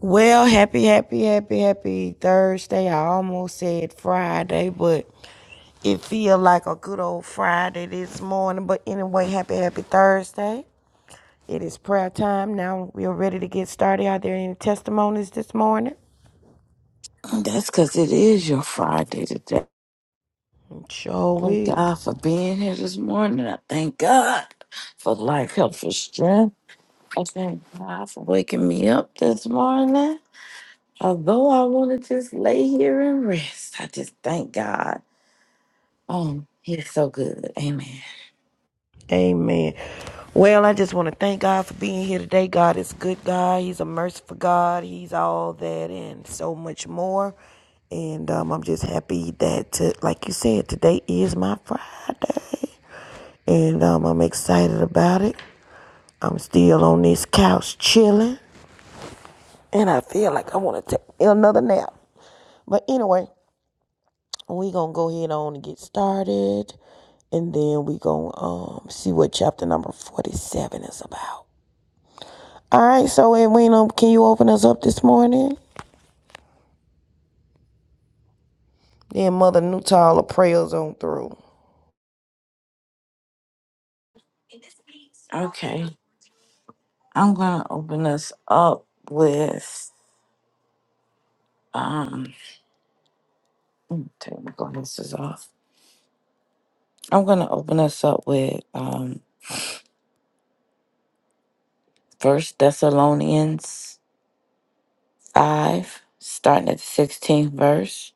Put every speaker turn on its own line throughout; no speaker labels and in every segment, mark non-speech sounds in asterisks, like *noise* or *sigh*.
Well, happy, happy, happy, happy Thursday. I almost said Friday, but it feel like a good old Friday this morning. But anyway, happy, happy Thursday. It is prayer time. Now we are ready to get started. Are there any testimonies this morning?
That's because it is your Friday today.
Sure
Thank
will.
God for being here this morning. I thank God for life, health, for strength. I thank God for waking me up this morning. Although I want to just lay here and rest, I just thank God. Um, He is so good. Amen.
Amen. Well, I just want to thank God for being here today. God is a good God. He's a merciful God. He's all that and so much more. And um, I'm just happy that, to, like you said, today is my Friday. And um, I'm excited about it. I'm still on this couch chilling. And I feel like I want to take another nap. But anyway, we going to go ahead on and get started. And then we going to um, see what chapter number 47 is about. All right, so Edwina, can you open us up this morning? Then Mother Nutala prayers on through.
Okay, I'm gonna open us up with um. let me Take my glasses off. I'm gonna open us up with um. First Thessalonians. 5, starting at the 16th verse.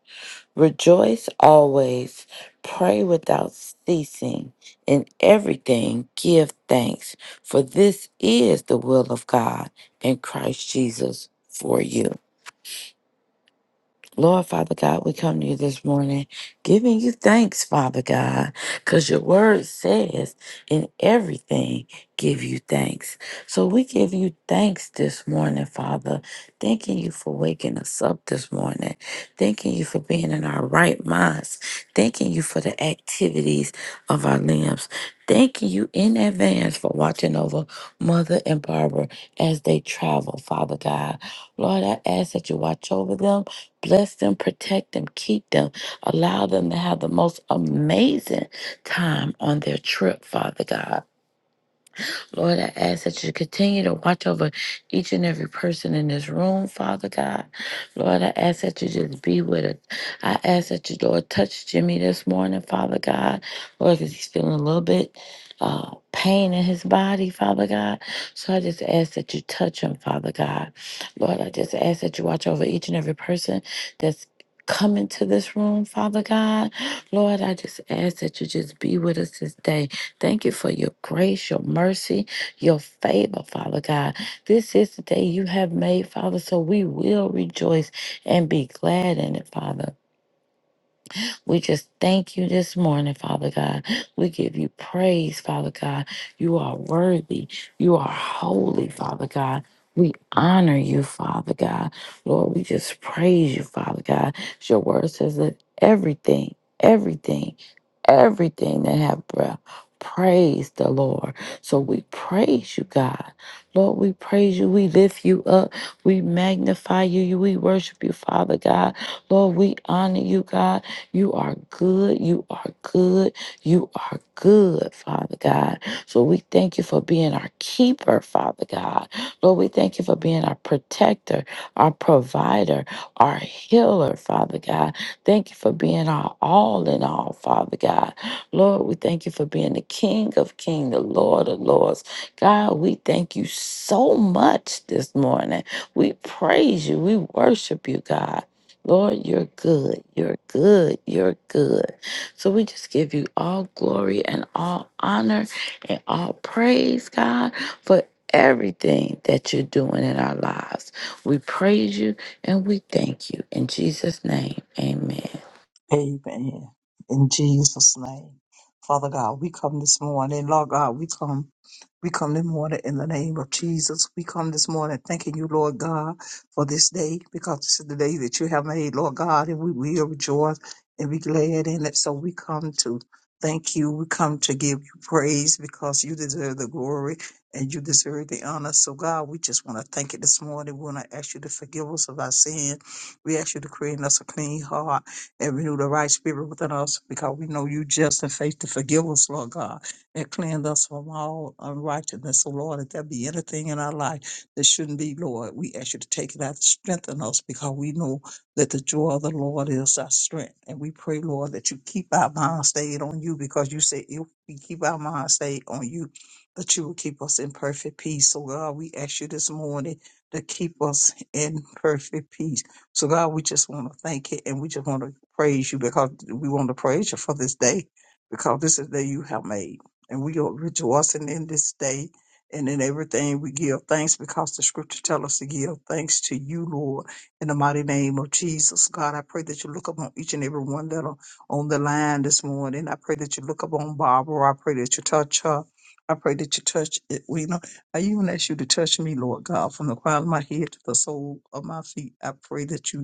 Rejoice always, pray without ceasing, in everything give thanks, for this is the will of God in Christ Jesus for you. Lord, Father God, we come to you this morning giving you thanks, Father God, because your word says in everything, give you thanks. So we give you thanks this morning, Father, thanking you for waking us up this morning, thanking you for being in our right minds, thanking you for the activities of our limbs, thanking you in advance for watching over Mother and Barbara as they travel, Father God. Lord, I ask that you watch over them Bless them, protect them, keep them. Allow them to have the most amazing time on their trip, Father God. Lord, I ask that you continue to watch over each and every person in this room, Father God. Lord, I ask that you just be with us. I ask that you, Lord, touch Jimmy this morning, Father God. Lord, because he's feeling a little bit uh, pain in his body, Father God. So I just ask that you touch him, Father God. Lord, I just ask that you watch over each and every person that's come into this room, Father God. Lord, I just ask that you just be with us this day. Thank you for your grace, your mercy your favor, Father God. This is the day you have made, Father, so we will rejoice and be glad in it, Father. We just thank you this morning, Father God. We give you praise, Father God. You are worthy. You are holy, Father God. We honor you, Father God. Lord, we just praise you, Father God. Your word says that everything, everything everything that have breath praise the lord so we praise you god lord we praise you we lift you up we magnify you You- we worship you father god lord we honor you god you are good you are good you are good father god so we thank you for being our keeper father god lord we thank you for being our protector our provider our healer father god Thank you for being our all in all, Father God. Lord, we thank you for being the King of Kings, the Lord of Lords. God, we thank you so much this morning. We praise you. We worship you, God. Lord, you're good. You're good. You're good. So we just give you all glory and all honor and all praise, God, for everything that you're doing in our lives. We praise you. And we thank you in Jesus' name. Amen.
Amen. In Jesus' name. Father God, we come this morning. Lord God, we come. We come this morning in the name of Jesus. We come this morning thanking you, Lord God, for this day, because this is the day that you have made, Lord God, and we will rejoice and be glad in it. So we come to thank you. We come to give you praise because you deserve the glory and you deserve the honor. So God, we just want to thank you this morning. We want to ask you to forgive us of our sin. We ask you to create in us a clean heart and renew the right spirit within us because we know you just in faith to forgive us, Lord God, and cleanse us from all unrighteousness. So, Lord, if there be anything in our life that shouldn't be, Lord, we ask you to take it out and strengthen us because we know that the joy of the Lord is our strength. And we pray, Lord, that you keep our mind stayed on you because you say if we keep our mind stayed on you, that you will keep us in perfect peace. So, God, we ask you this morning to keep us in perfect peace. So God, we just want to thank you and we just want to praise you because we want to praise you for this day because this is the day you have made. And we are rejoicing in this day and in everything we give thanks because the scripture tell us to give thanks to you, Lord, in the mighty name of Jesus. God, I pray that you look upon each and every one that are on the line this morning. I pray that you look upon Barbara. I pray that you touch her. I pray that you touch it, I even ask you to touch me, Lord God, from the crown of my head to the sole of my feet. I pray that you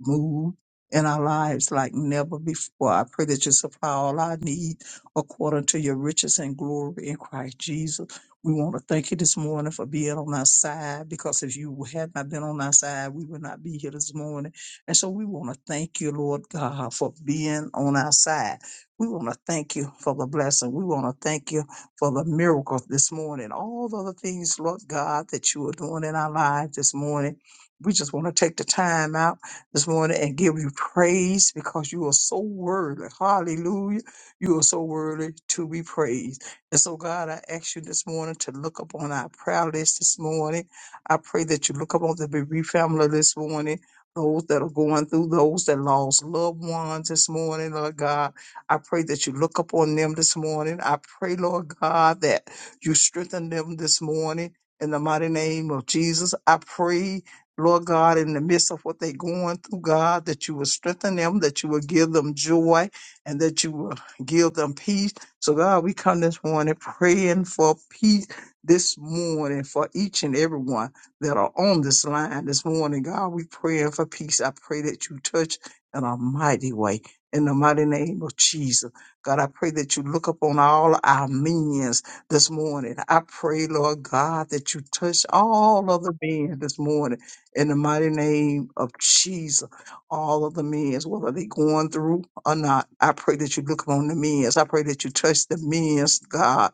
move in our lives like never before. I pray that you supply all our need according to your riches and glory in Christ Jesus. We want to thank you this morning for being on our side because if you had not been on our side, we would not be here this morning. And so we want to thank you, Lord God, for being on our side. We want to thank you for the blessing. We want to thank you for the miracle this morning. All the other things, Lord God, that you are doing in our lives this morning. We just want to take the time out this morning and give you praise because you are so worthy. Hallelujah. You are so worthy to be praised. And so, God, I ask you this morning to look up on our prayer list this morning. I pray that you look up on the bereaved family this morning. Those that are going through, those that lost loved ones this morning, Lord God. I pray that you look up on them this morning. I pray, Lord God, that you strengthen them this morning in the mighty name of Jesus. I pray Lord God, in the midst of what they're going through, God, that you will strengthen them, that you will give them joy, and that you will give them peace. So, God, we come this morning praying for peace this morning for each and every one that are on this line this morning. God, we praying for peace. I pray that you touch in a mighty way. In the mighty name of Jesus. God, I pray that you look upon all our minions this morning. I pray, Lord God, that you touch all of the men this morning in the mighty name of Jesus. All of the men, whether they going through or not, I pray that you look upon the men. I pray that you touch the men, God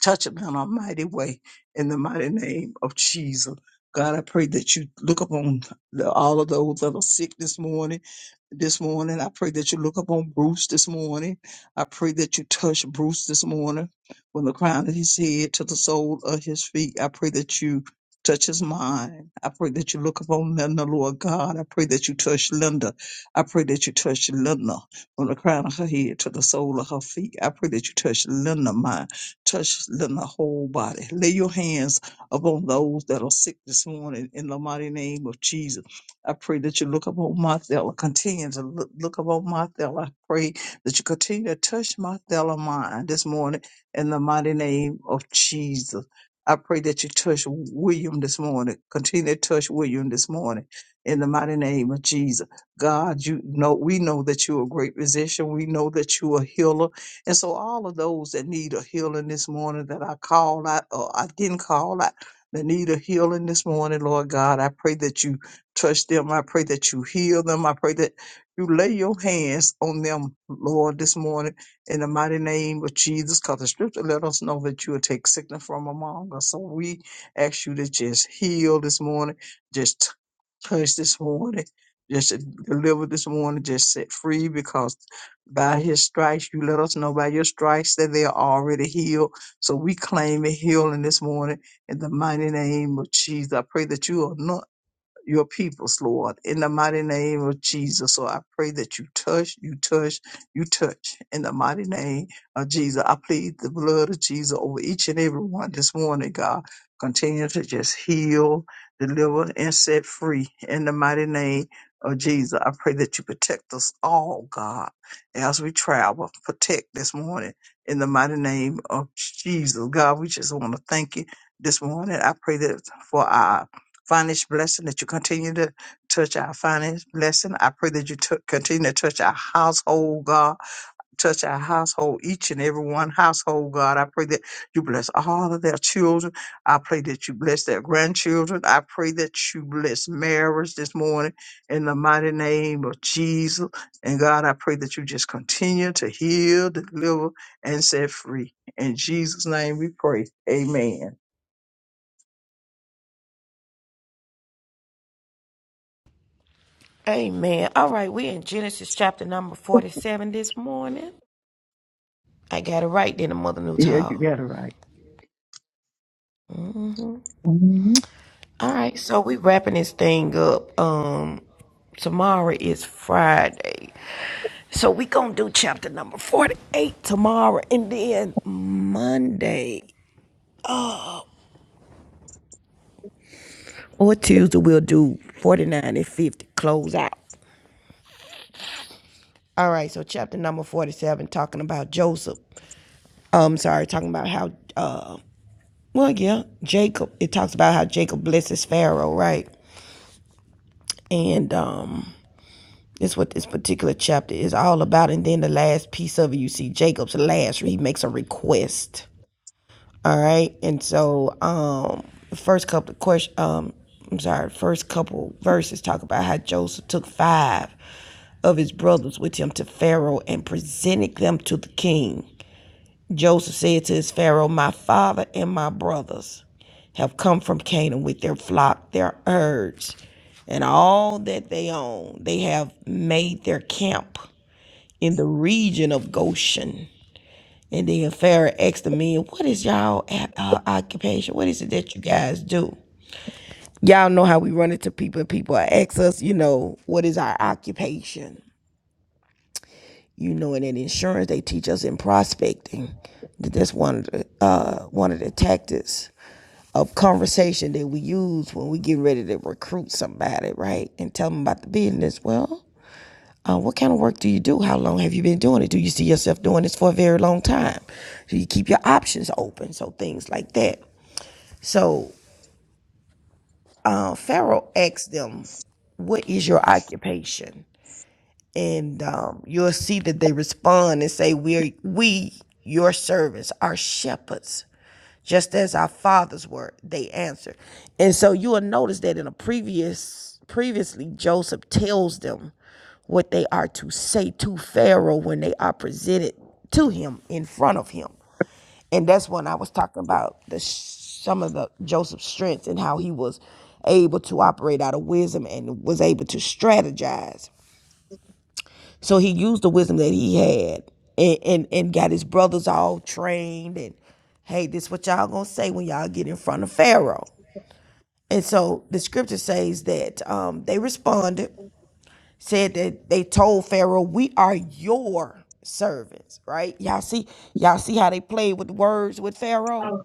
touch them in a mighty way in the mighty name of Jesus. God, I pray that you look upon the, all of those that are sick this morning. This morning, I pray that you look upon Bruce this morning. I pray that you touch Bruce this morning from the crown of his head to the sole of his feet. I pray that you touch his mind. I pray that you look upon Linda, Lord God. I pray that you touch Linda. I pray that you touch Linda from the crown of her head to the sole of her feet. I pray that you touch Linda, mind touch them the whole body. Lay your hands upon those that are sick this morning in the mighty name of Jesus. I pray that you look upon Marthella, continue to look, look upon Marthella. I pray that you continue to touch Marthella mind this morning in the mighty name of Jesus. I pray that you touch William this morning. Continue to touch William this morning in the mighty name of Jesus. God, you know we know that you're a great physician. We know that you're a healer. And so all of those that need a healing this morning that I called out or I didn't call out that need a healing this morning, Lord God, I pray that you touch them. I pray that you heal them. I pray that you lay your hands on them, Lord, this morning in the mighty name of Jesus, because the scripture let us know that you will take sickness from among us. So we ask you to just heal this morning, just t- touch this morning, just deliver this morning, just set free because by his stripes, you let us know by your stripes that they are already healed. So we claim a healing this morning in the mighty name of Jesus. I pray that you anoint your peoples, Lord, in the mighty name of Jesus. So I pray that you touch, you touch, you touch in the mighty name of Jesus. I plead the blood of Jesus over each and every one this morning, God. Continue to just heal, deliver, and set free in the mighty name of Jesus. I pray that you protect us all, God, as we travel. Protect this morning in the mighty name of Jesus. God, we just want to thank you this morning. I pray that for our financial blessing, that you continue to touch our finance blessing. I pray that you tou- continue to touch our household, God. Touch our household, each and every one household, God. I pray that you bless all of their children. I pray that you bless their grandchildren. I pray that you bless marriage this morning in the mighty name of Jesus. And God, I pray that you just continue to heal, deliver, and set free. In Jesus' name we pray. Amen.
Amen. All right, we're in Genesis chapter number 47 this morning. I got it right then, Mother
Yeah, you
Newtall.
got it right. Mhm.
All right, so we wrapping this thing up. Um, tomorrow is Friday. So we gonna do chapter number 48 tomorrow and then Monday or Tuesday we'll do 49 and 50 close out. All right, so chapter number 47 talking about Joseph. um sorry talking about how uh well yeah jacob it talks about how jacob blesses pharaoh right and um that's what this particular chapter is all about and then the last piece of it you see jacob's last he makes a request all right and so um the first couple of questions um i'm sorry first couple verses talk about how joseph took five of his brothers with him to pharaoh and presented them to the king Joseph said to his Pharaoh, My father and my brothers have come from Canaan with their flock, their herds, and all that they own. They have made their camp in the region of Goshen. And then Pharaoh asked the men, What is y'all uh, occupation? What is it that you guys do? Y'all know how we run into people, and people ask us, you know, what is our occupation? You know, and in insurance, they teach us in prospecting that that's one of the, uh, one of the tactics of conversation that we use when we get ready to recruit somebody, right? And tell them about the business. Well, uh, what kind of work do you do? How long have you been doing it? Do you see yourself doing this for a very long time? Do you keep your options open? So things like that. So uh, Pharaoh asked them, "What is your occupation?" and um, you'll see that they respond and say, "We, are, we, your servants, are shepherds, just as our fathers were." They answered, and so you will notice that in a previous, previously, Joseph tells them what they are to say to Pharaoh when they are presented to him in front of him, and that's when I was talking about the some of the Joseph's strengths and how he was able to operate out of wisdom and was able to strategize so he used the wisdom that he had and, and, and got his brothers all trained and hey, this is what y'all gonna say when y'all get in front of Pharaoh. And so the scripture says that um, they responded, said that they told Pharaoh, We are your servants, right? Y'all see, y'all see how they played with words with Pharaoh?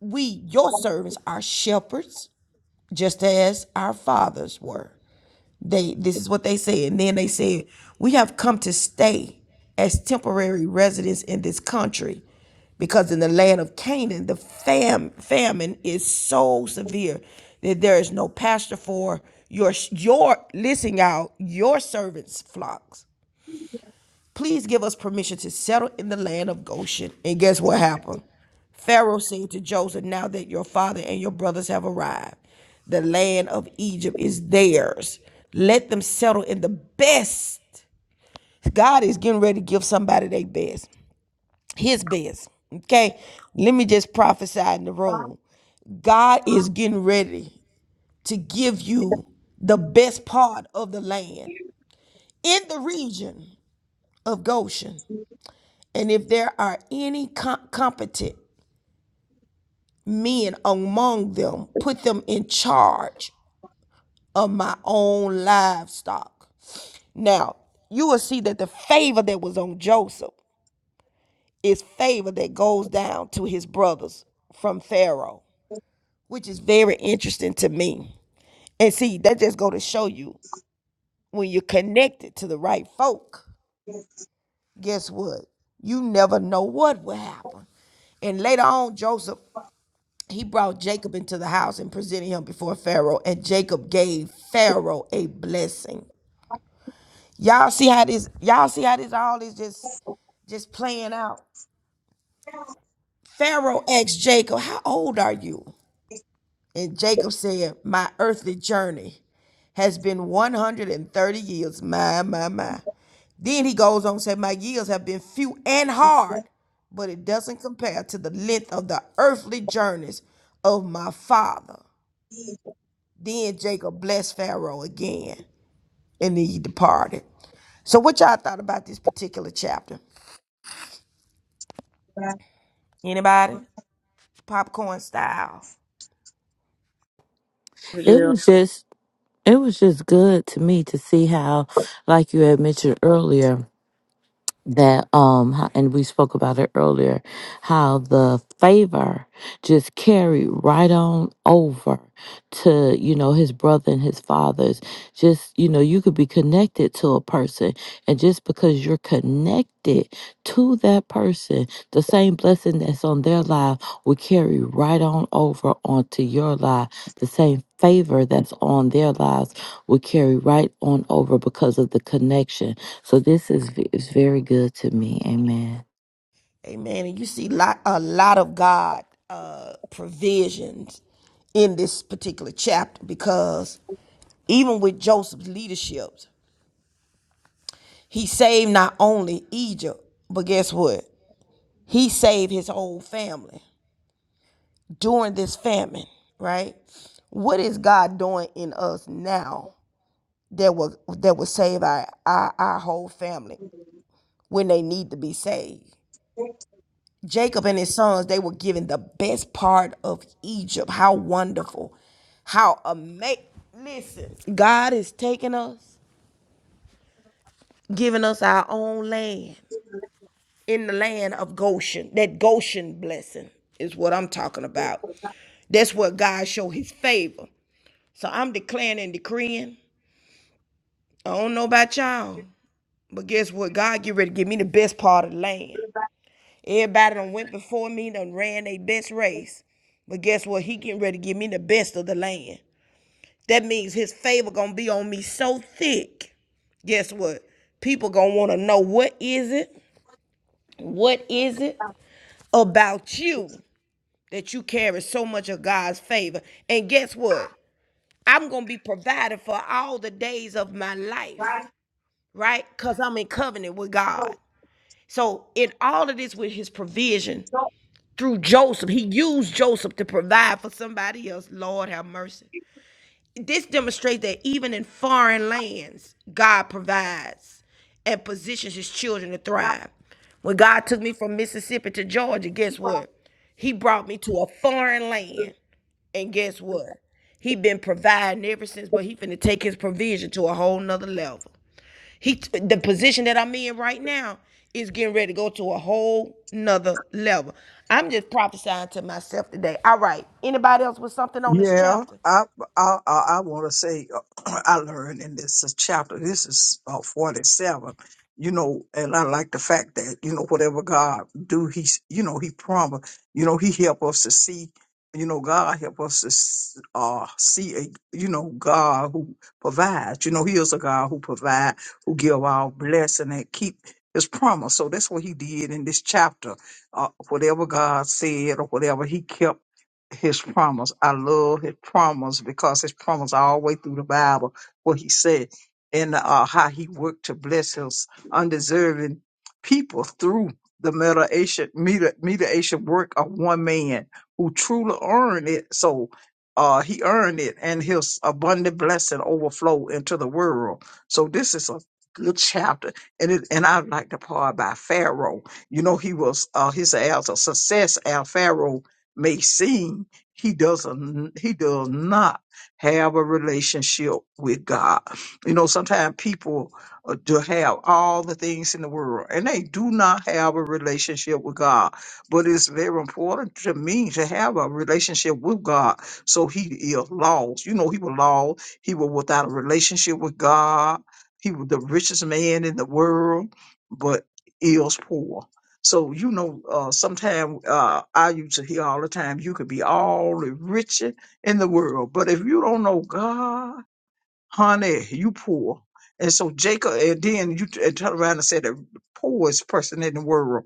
We, your servants, are shepherds, just as our fathers were. They this is what they said. And then they said, "We have come to stay as temporary residents in this country because in the land of Canaan the fam- famine is so severe that there is no pasture for your your listen y'all, your servants' flocks." Please give us permission to settle in the land of Goshen. And guess what happened? Pharaoh said to Joseph, Now that your father and your brothers have arrived, the land of Egypt is theirs. Let them settle in the best. God is getting ready to give somebody their best, his best. Okay? Let me just prophesy in the room. God is getting ready to give you the best part of the land in the region of Goshen. And if there are any com- competent men among them, put them in charge of my own livestock. Now, you will see that the favor that was on Joseph is favor that goes down to his brothers from Pharaoh, which is very interesting to me. And see, that just go to show you when you're connected to the right folk, guess what? You never know what will happen. And later on, Joseph he brought Jacob into the house and presented him before Pharaoh, and Jacob gave Pharaoh a blessing. Y'all see how this? Y'all see how this all is just just playing out? Pharaoh asked Jacob, "How old are you?" And Jacob said, "My earthly journey has been 130 years. My, my, my." Then he goes on and said, "My years have been few and hard, but it doesn't compare to the length of the earthly journeys of my father." Then Jacob blessed Pharaoh again, and he departed. So, what y'all thought about this particular chapter? Anybody? Popcorn style.
It
Yeah.
was just it was just good to me to see how, like you had mentioned earlier, that um ho- and we spoke about it earlier how the favor just carried right on over to you know his brother and his fathers just you know you could be connected to a person and just because you're connected to that person the same blessing that's on their life will carry right on over onto your life the same favor that's on their lives will carry right on over because of the connection so this is v- is very good to me. Amen.
Amen. And you see lot, a lot of God uh, provisions in this particular chapter because even with Joseph's leadership, he saved not only Egypt, but guess what? He saved his whole family during this famine, right? What is God doing in us now? that will that will save our, our our whole family when they need to be saved. Jacob and his sons, they were given the best part of Egypt. How wonderful. How amazing. Listen, God is taking us, giving us our own land in the land of Goshen. That Goshen blessing is what I'm talking about. That's where God show his favor. So I'm declaring and decreeing. I don't know about y'all, but guess what? God get ready to give me the best part of the land. Everybody done went before me, done ran their best race. But guess what? He getting ready to give me the best of the land. That means his favor gonna be on me so thick. Guess what? People gonna wanna know what is it? What is it about you that you carry so much of God's favor? And guess what? I'm gonna be provided for all the days of my life, right? Because I'm in covenant with God. So in all of this with his provision, through Joseph. He used Joseph to provide for somebody else. Lord have mercy. This demonstrates that even in foreign lands, God provides and positions his children to thrive. When God took me from Mississippi to Georgia, guess what? He brought me to a foreign land. And guess what? He been providing ever since, but he finna take his provision to a whole nother level. He the position that I'm in right now is getting ready to go to a whole nother level. I'm just prophesying to myself today. All right. Anybody else with something on this
Yeah,
chapter?
I I I want to say uh, *clears throat* I learned in this chapter. This is uh, forty seven. You know, and I like the fact that you know whatever God do, He's you know He promised. You know He help us to see. You know God help us to s- uh, see a you know God who provides. You know He is a God who provide, who give our blessing and keep His promise. So that's what He did in this chapter. Uh, whatever God said or whatever He kept his promise. I love his promise because his promise all the way through the Bible, what he said and uh, how he worked to bless his undeserving people through the mediation, media- mediation work of one man who truly earned it. So uh, he earned it and his abundant blessing overflow into the world. So this is a good chapter. And it, and I like the part by Pharaoh. You know, he was, uh, his as a success as Pharaoh may seem he doesn't he does not have a relationship with god you know sometimes people uh, do have all the things in the world and they do not have a relationship with god but it's very important to me to have a relationship with god so he is lost you know he was lost he was without a relationship with god he was the richest man in the world but is poor so you know, uh, sometimes uh, I used to hear all the time, you could be all the rich in the world, but if you don't know God, honey, you poor. And so Jacob, and then you t- and turn around and said the poorest person in the world.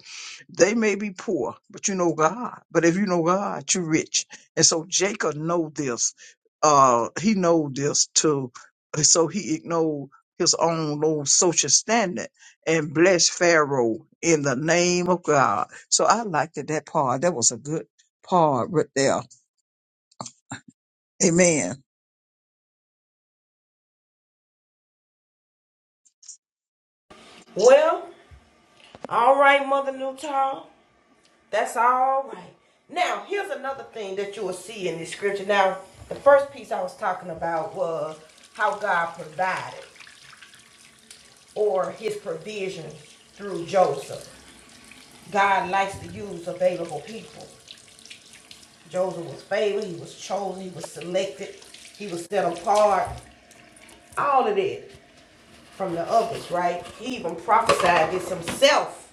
They may be poor, but you know God. But if you know God, you're rich. And so Jacob know this. Uh, he know this too. So he ignored his own low social standard and blessed Pharaoh in the name of God. So I liked it, that part. That was a good part right there. Amen.
Well, all right, Mother Newtall. That's all right. Now, here's another thing that you will see in this scripture. Now, the first piece I was talking about was how God provided or his provision through Joseph. God likes to use available people. Joseph was favored, he was chosen, he was selected, he was set apart, all of that from the others, right? He even prophesied this himself.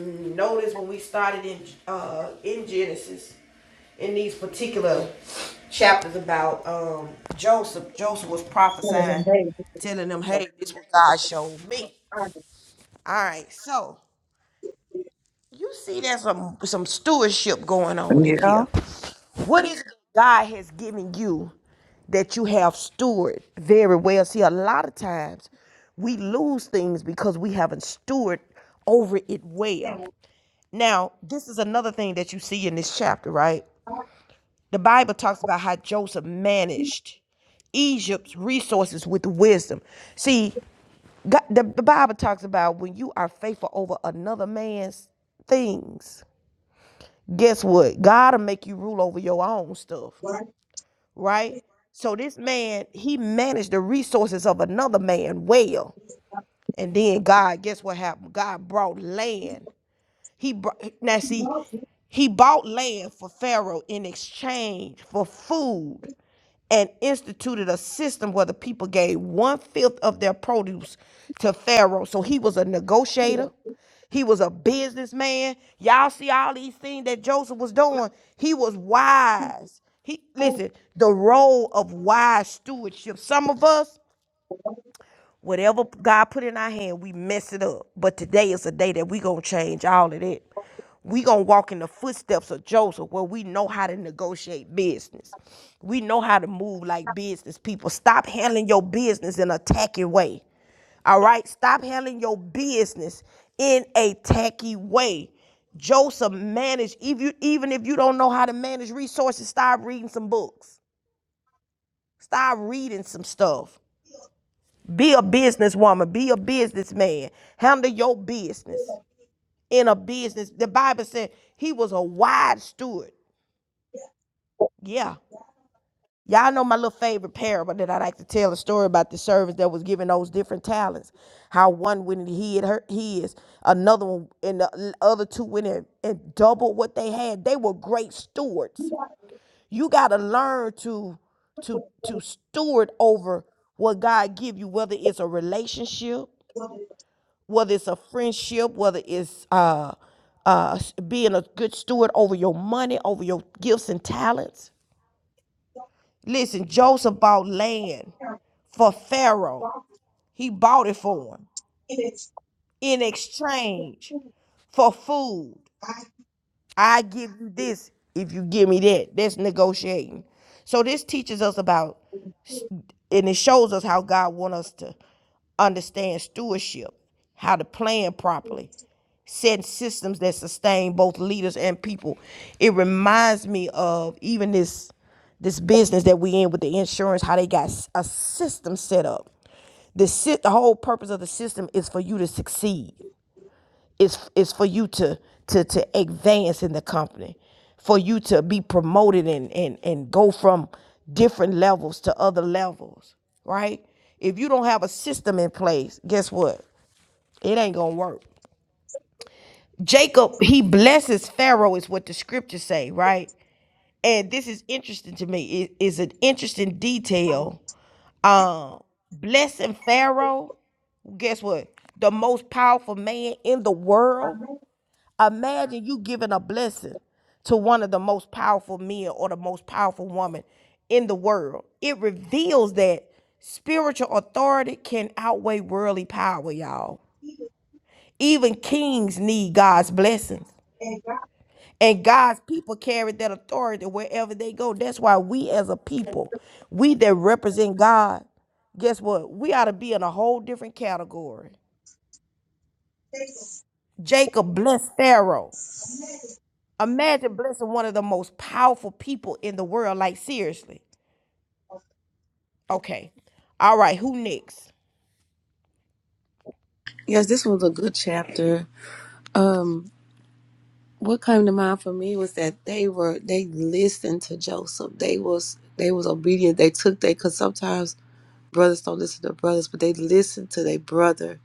Notice when we started in uh, in Genesis, in these particular chapters about um, Joseph, Joseph was prophesying, telling them, "Hey, this is what God showed me." All right, so You see, there's some some stewardship going on in here.
Yeah,
What is it God has given you that you have steward very well? See, a lot of times we lose things because we haven't steward over it well. Now, this is another thing that you see in this chapter, right? The Bible talks about how Joseph managed Egypt's resources with wisdom. See, God, the, the Bible talks about when you are faithful over another man's things, guess what? God'll make you rule over your own stuff, right? So this man, he managed the resources of another man well. And then God, guess what happened? God brought land. He brought now see, he bought land for Pharaoh in exchange for food and instituted a system where the people gave one fifth of their produce to Pharaoh. So he was a negotiator. He was a businessman. Y'all see all these things that Joseph was doing. He was wise. He listen, the role of wise stewardship. Some of us Whatever God put in our hand, we mess it up. But today is a day that we gonna change all of that. We gonna walk in the footsteps of Joseph, where we know how to negotiate business. We know how to move like business people. Stop handling your business in a tacky way. All right, stop handling your business in a tacky way. Joseph managed, if you, even if you don't know how to manage resources, start reading some books. Start reading some stuff. Be a businesswoman. Be a businessman. Handle your business in a business. The Bible said he was a wise steward. Yeah. Y'all know my little favorite parable that I like to tell a story about the servants that was given those different talents. How one went and hid her his, another one and the other two went in and doubled what they had. They were great stewards. You gotta learn to to to steward over what God give you, whether it's a relationship, whether it's a friendship, whether it's uh, uh, being a good steward over your money, over your gifts and talents. Listen, Joseph bought land for Pharaoh. He bought it for him in exchange for food. I give you this if you give me that. That's negotiating. So this teaches us about and it shows us how God wants us to understand stewardship, how to plan properly, setting systems that sustain both leaders and people. It reminds me of even this this business that we in with the insurance, how they got a system set up. The, the whole purpose of the system is for you to succeed is is for you to to to advance in the company for you to be promoted and and and go from different levels to other levels right if you don't have a system in place guess what it ain't gonna work jacob he blesses pharaoh is what the scriptures say right and this is interesting to me it is an interesting detail um blessing pharaoh guess what the most powerful man in the world Imagine you giving a blessing to one of the most powerful men or the most powerful woman in the world. It reveals that spiritual authority can outweigh worldly power, y'all. Even kings need God's blessings. And God's people carry that authority wherever they go. That's why we as a people, we that represent God, guess what? We ought to be in a whole different category. Jacob blessed Pharaoh. Imagine blessing one of the most powerful people in the world. Like, seriously. Okay. All right. Who next?
Yes, this was a good chapter. Um, what came to mind for me was that they were they listened to Joseph. They was they was obedient. They took they because sometimes brothers don't listen to brothers, but they listened to their brother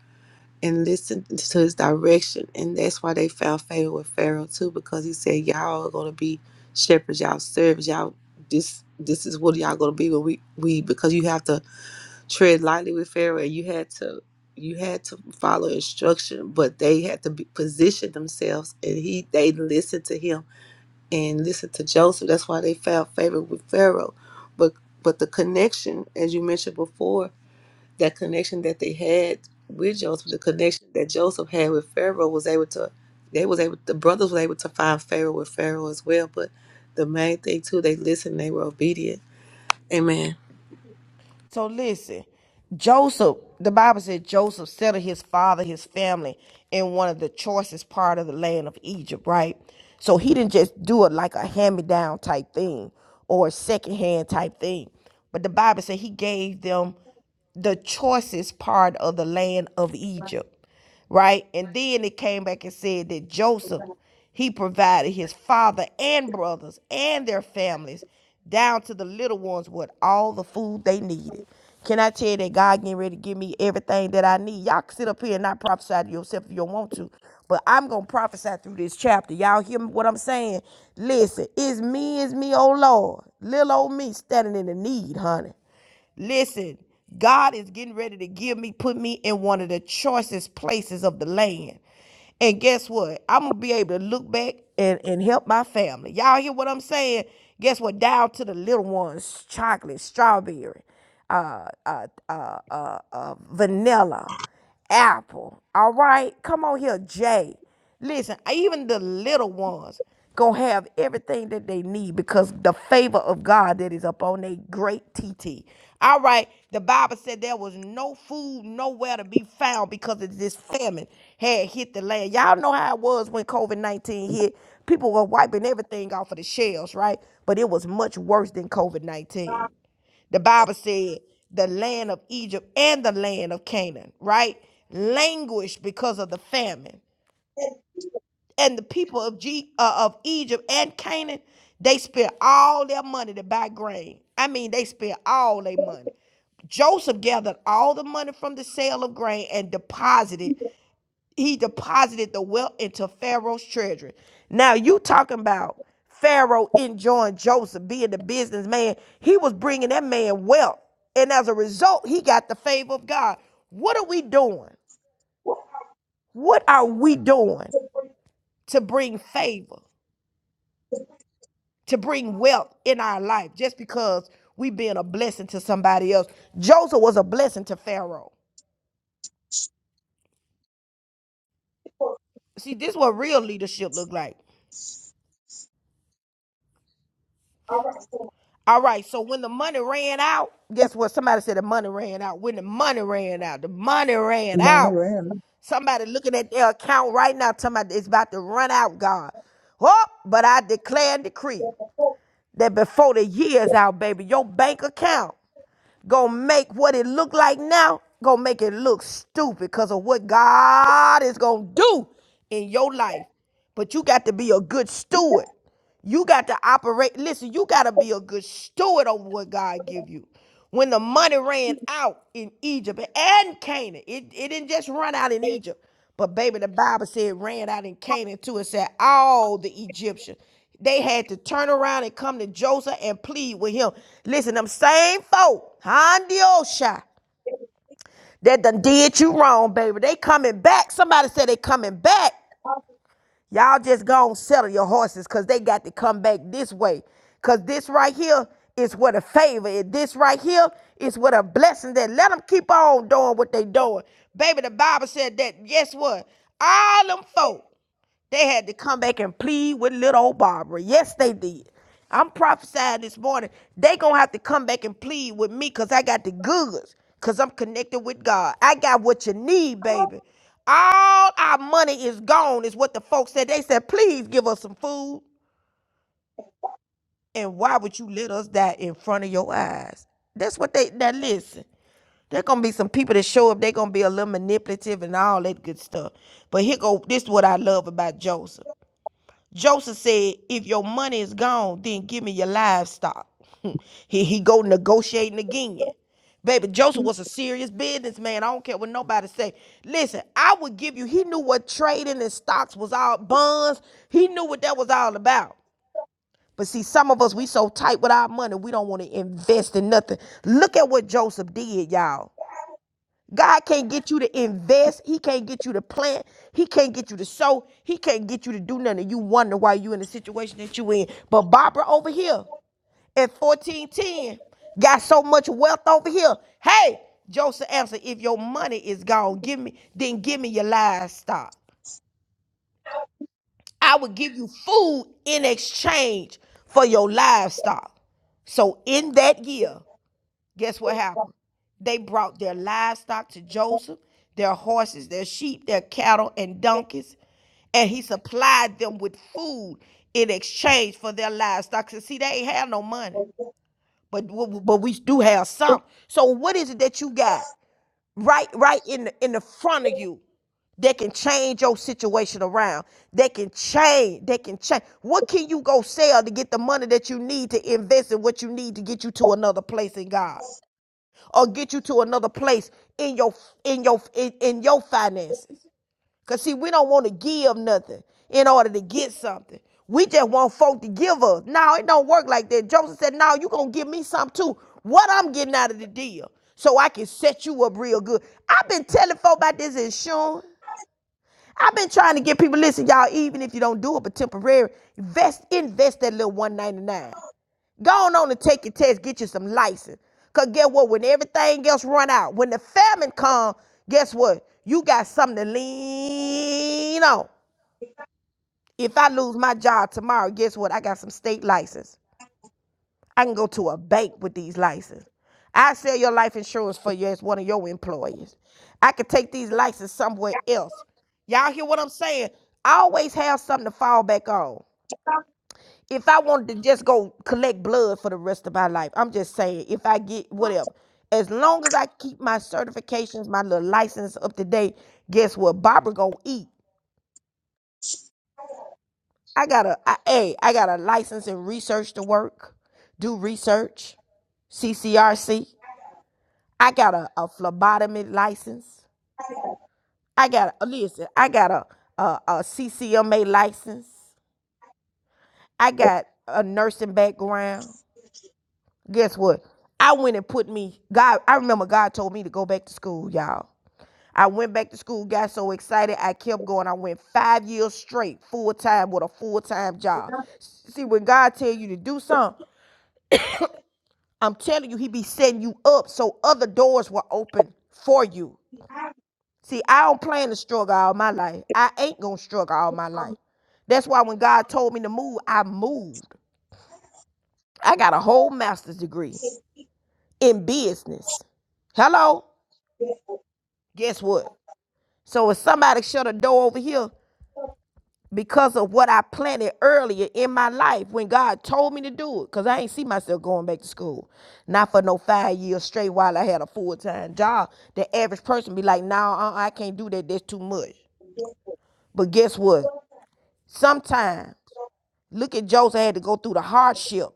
and listened to his direction, and that's why they found favor with Pharaoh too, because he said y'all are gonna be shepherds, y'all servants, y'all this this is what y'all gonna be when we we because you have to tread lightly with Pharaoh. You had to you had to follow instruction, but they had to be, position themselves, and he they listened to him and listened to Joseph. That's why they found favor with Pharaoh. But but the connection, as you mentioned before, that connection that they had with Joseph, the connection that Joseph had with Pharaoh was able to they was able the brothers were able to find Pharaoh with Pharaoh as well. But the main thing too, they listened, they were obedient. Amen.
So, listen. Joseph, the Bible said Joseph settled his father, his family in one of the choicest part of the land of Egypt, right? So he didn't just do it like a hand-me-down type thing or a second-hand type thing. But the Bible said he gave them the choicest part of the land of Egypt. right? And then it came back and said that Joseph, he provided his father and brothers and their families down to the little ones with all the food they needed. Can I tell you that God getting ready to give me everything that I need? Y'all can sit up here and not prophesy to yourself if you don't want to, but I'm gonna prophesy through this chapter. Y'all hear what I'm saying? Listen, it's me, it's me, oh Lord, little old me standing in the need, honey. Listen, God is getting ready to give me, put me in one of the choicest places of the land. And guess what? I'm gonna be able to look back and, and help my family. Y'all hear what I'm saying? Guess what? Down to the little ones, chocolate, strawberry, uh, uh, uh, uh, uh, vanilla. Apple. All right? Come on here, Jay. Listen, even the little ones gonna have everything that they need because the favor of God that is upon their great T T. All right, the Bible said there was no food nowhere to be found because of this famine had hit the land. Y'all know how it was when COVID 19 hit. People were wiping everything off of the shelves, right? But it was much worse than COVID 19. The Bible said the land of Egypt and the land of Canaan, right? Languished because of the famine. And the people of, G, uh, of Egypt and Canaan, they spent all their money to buy grain. I mean, they spent all their money. Joseph gathered all the money from the sale of grain and deposited he deposited the wealth into Pharaoh's treasury. Now you talking about Pharaoh enjoying Joseph being the businessman. He was bringing that man wealth. And as a result, he got the favor of God. What are we doing? What are we doing to bring favor, to bring wealth in our life just because we being a blessing to somebody else? Joseph was a blessing to Pharaoh. See, this is what real leadership look like. All right, so when the money ran out, guess what? Somebody said the money ran out. When the money ran out, the money ran
I'm on the
out.
rim.
Somebody looking at their account right now, talking about it's about to run out, God. Oh, but I declare and decree that before the year's out, baby, your bank account gonna make what it look like now gonna make it look stupid because of what God is gonna do in your life. But you got to be a good steward. You got to operate. Listen, you got to be a good steward of what God give you. When the money ran out in Egypt and Canaan, it, it didn't just run out in Egypt. But baby, the Bible said ran out and came into it said all the Egyptians. They had to turn around and come to Joseph and plead with him. Listen, them same folk, Handiosha, that done did you wrong, baby. They coming back. Somebody said they coming back. Y'all just gonna settle your horses because they got to come back this way. Because this right here is what a favor. is. This right here is what a blessing that let them keep on doing what they doing. Baby, the Bible said that, guess what? All them folk they had to come back and plead with little old Barbara. Yes, they did. I'm prophesying this morning. They gonna have to come back and plead with me because I got the goods. Cause I'm connected with God. I got what you need, baby. All our money is gone, is what the folks said. They said, please give us some food. And why would you let us die in front of your eyes? That's what they now listen. There gonna be some people that show up. They're gonna be a little manipulative and all that good stuff. But here go. This is what I love about Joseph. Joseph said, if your money is gone, then give me your livestock. *laughs* he, he go negotiating again. Baby, Joseph was a serious businessman. I don't care what nobody say. Listen, I would give you, he knew what trading and stocks was all, bonds. He knew what that was all about. But see, some of us, we so tight with our money, we don't want to invest in nothing. Look at what Joseph did, y'all. God can't get you to invest. He can't get you to plant. He can't get you to sow. He can't get you to do nothing. You wonder why you in the situation that you in. But Barbara over here at 1410 got so much wealth over here. Hey, Joseph answered, if your money is gone, give me, then give me your livestock. I will give you food in exchange for your livestock. So in that year, Guess what happened? They brought their livestock to Joseph, their horses, their sheep, their cattle, and donkeys, and he supplied them with food in exchange for their livestock. So see, they ain't have no money, but but we do have some. So what is it that you got right right in the, in the front of you? that can change your situation around. They can change. They can change. What can you go sell to get the money that you need to invest in what you need to get you to another place in God? or get you to another place in your in your in, in your finances. Cause see, we don't want to give nothing in order to get something. We just want folk to give us. Now it don't work like that. Joseph said, "Now you gonna give me something too. What I'm getting out of the deal, so I can set you up real good." I've been telling folk about this insurance. I've been trying to get people listen, y'all. Even if you don't do it, but temporary, invest invest that little one ninety nine. Go on, on and take your test, get you some license. Cause get what? When everything else run out, when the famine come, guess what? You got something to lean on. If I lose my job tomorrow, guess what? I got some state license. I can go to a bank with these licenses. I sell your life insurance for you as one of your employees. I could take these licenses somewhere else. Y'all hear what I'm saying? I always have something to fall back on. if I wanted to just go collect blood for the rest of my life, I'm just saying, if I get whatever, as long as I keep my certifications, my little license up to date, guess what? Barbara gonna eat. I got a, I, hey, I got a license in research to work, do research, CCRC. I got a, a phlebotomy license. I got a, listen, I got a, a, a CCMA license. I got a nursing background. guess what? I went and put me God. I remember God told me to go back to school, y'all. I went back to school, got so excited, I kept going. I went five years straight, full time with a full time job. See, when God tell you to do something, I'm telling you, He be setting you up so other doors will open for you. See, I don't plan to struggle all my life. I ain't gonna struggle all my life. That's why when God told me to move, I moved. I got a whole master's degree in business. Hello? Guess what? So if somebody shut a door over here because of what I planted earlier in my life when God told me to do it, because I ain't see myself going back to school. Not for no five years straight while I had a full-time job. The average person be like, no, nah, uh-uh, I can't do that. That's too much. But guess what? Sometimes, look at Joseph had to go through the hardship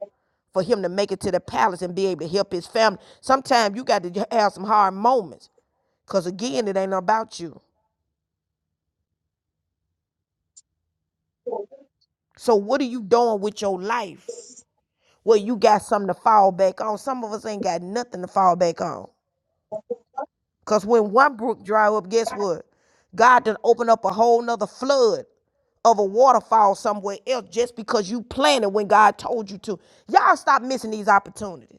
for him to make it to the palace and be able to help his family. Sometimes you got to have some hard moments because, again, it ain't about you. So, what are you doing with your life? where you got something to fall back on. Some of us ain't got nothing to fall back on. Cause when one brook dry up, guess what? God done open up a whole nother flood of a waterfall somewhere else just because you planted when God told you to. Y'all stop missing these opportunities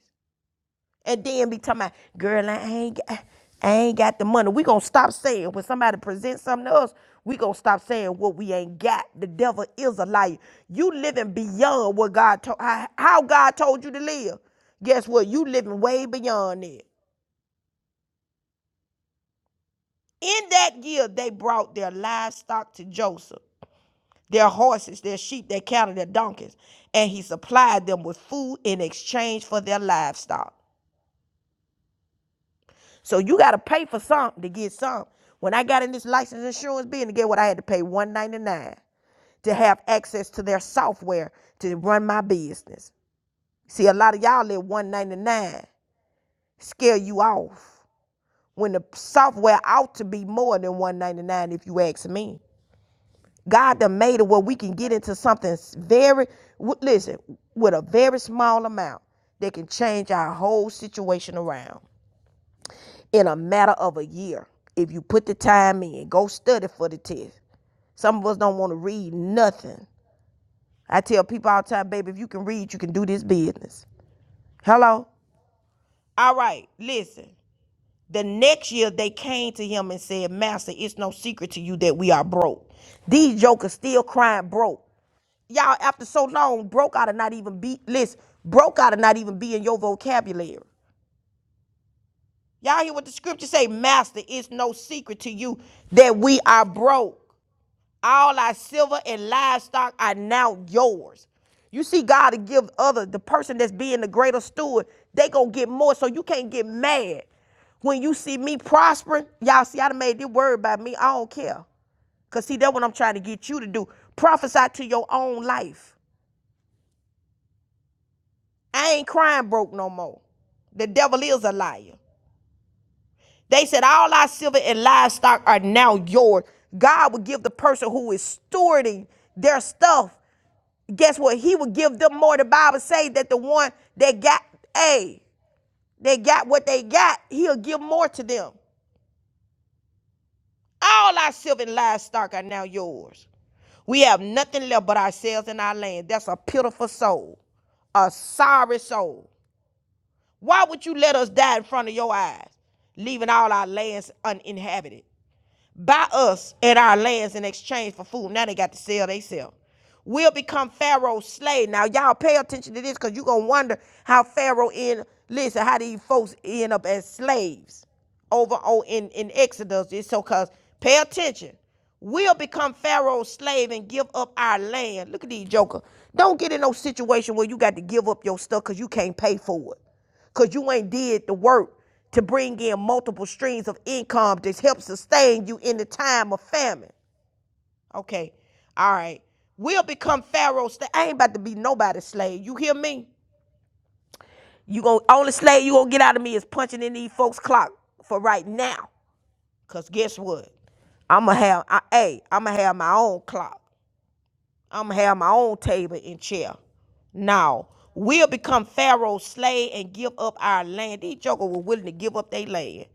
and then be talking about, girl, I ain't got, I ain't got the money. We gonna stop saying when somebody presents something to us, we gonna stop saying what we ain't got. The devil is a liar. You living beyond what God told how how God told you to live. Guess what? You living way beyond it. In that year, they brought their livestock to Joseph, their horses, their sheep, their cattle, their donkeys, and he supplied them with food in exchange for their livestock. So you gotta pay for something to get something. When I got in this license insurance business, get what I had to pay one ninety nine to have access to their software to run my business. See, a lot of y'all let one ninety nine scare you off when the software ought to be more than one ninety nine. If you ask me, God done made it where we can get into something very listen with a very small amount that can change our whole situation around. in a matter of a year if you put the time in. Go study for the test. Some of us don't want to read nothing. I tell people all the time, baby, if you can read, you can do this business. Hello? All right, listen. The next year they came to him and said, Master, it's no secret to you that we are broke. These jokers still crying broke. Y'all, after so long, broke out of not even be, listen, broke out of not even be in your vocabulary. Y'all hear what the scripture say? Master, it's no secret to you that we are broke. All our silver and livestock are now yours. You see, God to give other the person that's being the greater steward, they gonna get more. So you can't get mad when you see me prospering. Y'all see, I done made this word about me. I don't care, cause see, that's what I'm trying to get you to do. Prophesy to your own life. I ain't crying broke no more. The devil is a liar. They said, All our silver and livestock are now yours. God will give the person who is stewarding their stuff guess what? He would give them more. The Bible say that the one that got, a, they got what they got, he'll give more to them. All our silver and livestock are now yours. We have nothing left but ourselves and our land. That's a pitiful soul, a sorry soul. Why would you let us die in front of your eyes, leaving all our lands uninhabited? buy us and our lands in exchange for food. Now they got to sell themselves. We'll become Pharaoh's slave. Now y'all pay attention to this because you're gonna wonder how Pharaoh end listen, how these folks end up as slaves over on in, in Exodus. It's so cause pay attention. We'll become Pharaoh's slave and give up our land. Look at these joker. Don't get in no situation where you got to give up your stuff because you can't pay for it because you ain't did the work to bring in multiple streams of income that help sustain you in the time of famine. Okay, all right. We'll become Pharaoh's slave. I ain't about to be nobody's slave. You hear me? You gon' only slave you gonna get out of me is punching in these folks' clock for right now. Cause guess what? I'ma have I hey, I'ma have my own clock. I'm gonna have my own table and chair. Now we'll become Pharaoh's slave and give up our land. These jokers were willing to give up their land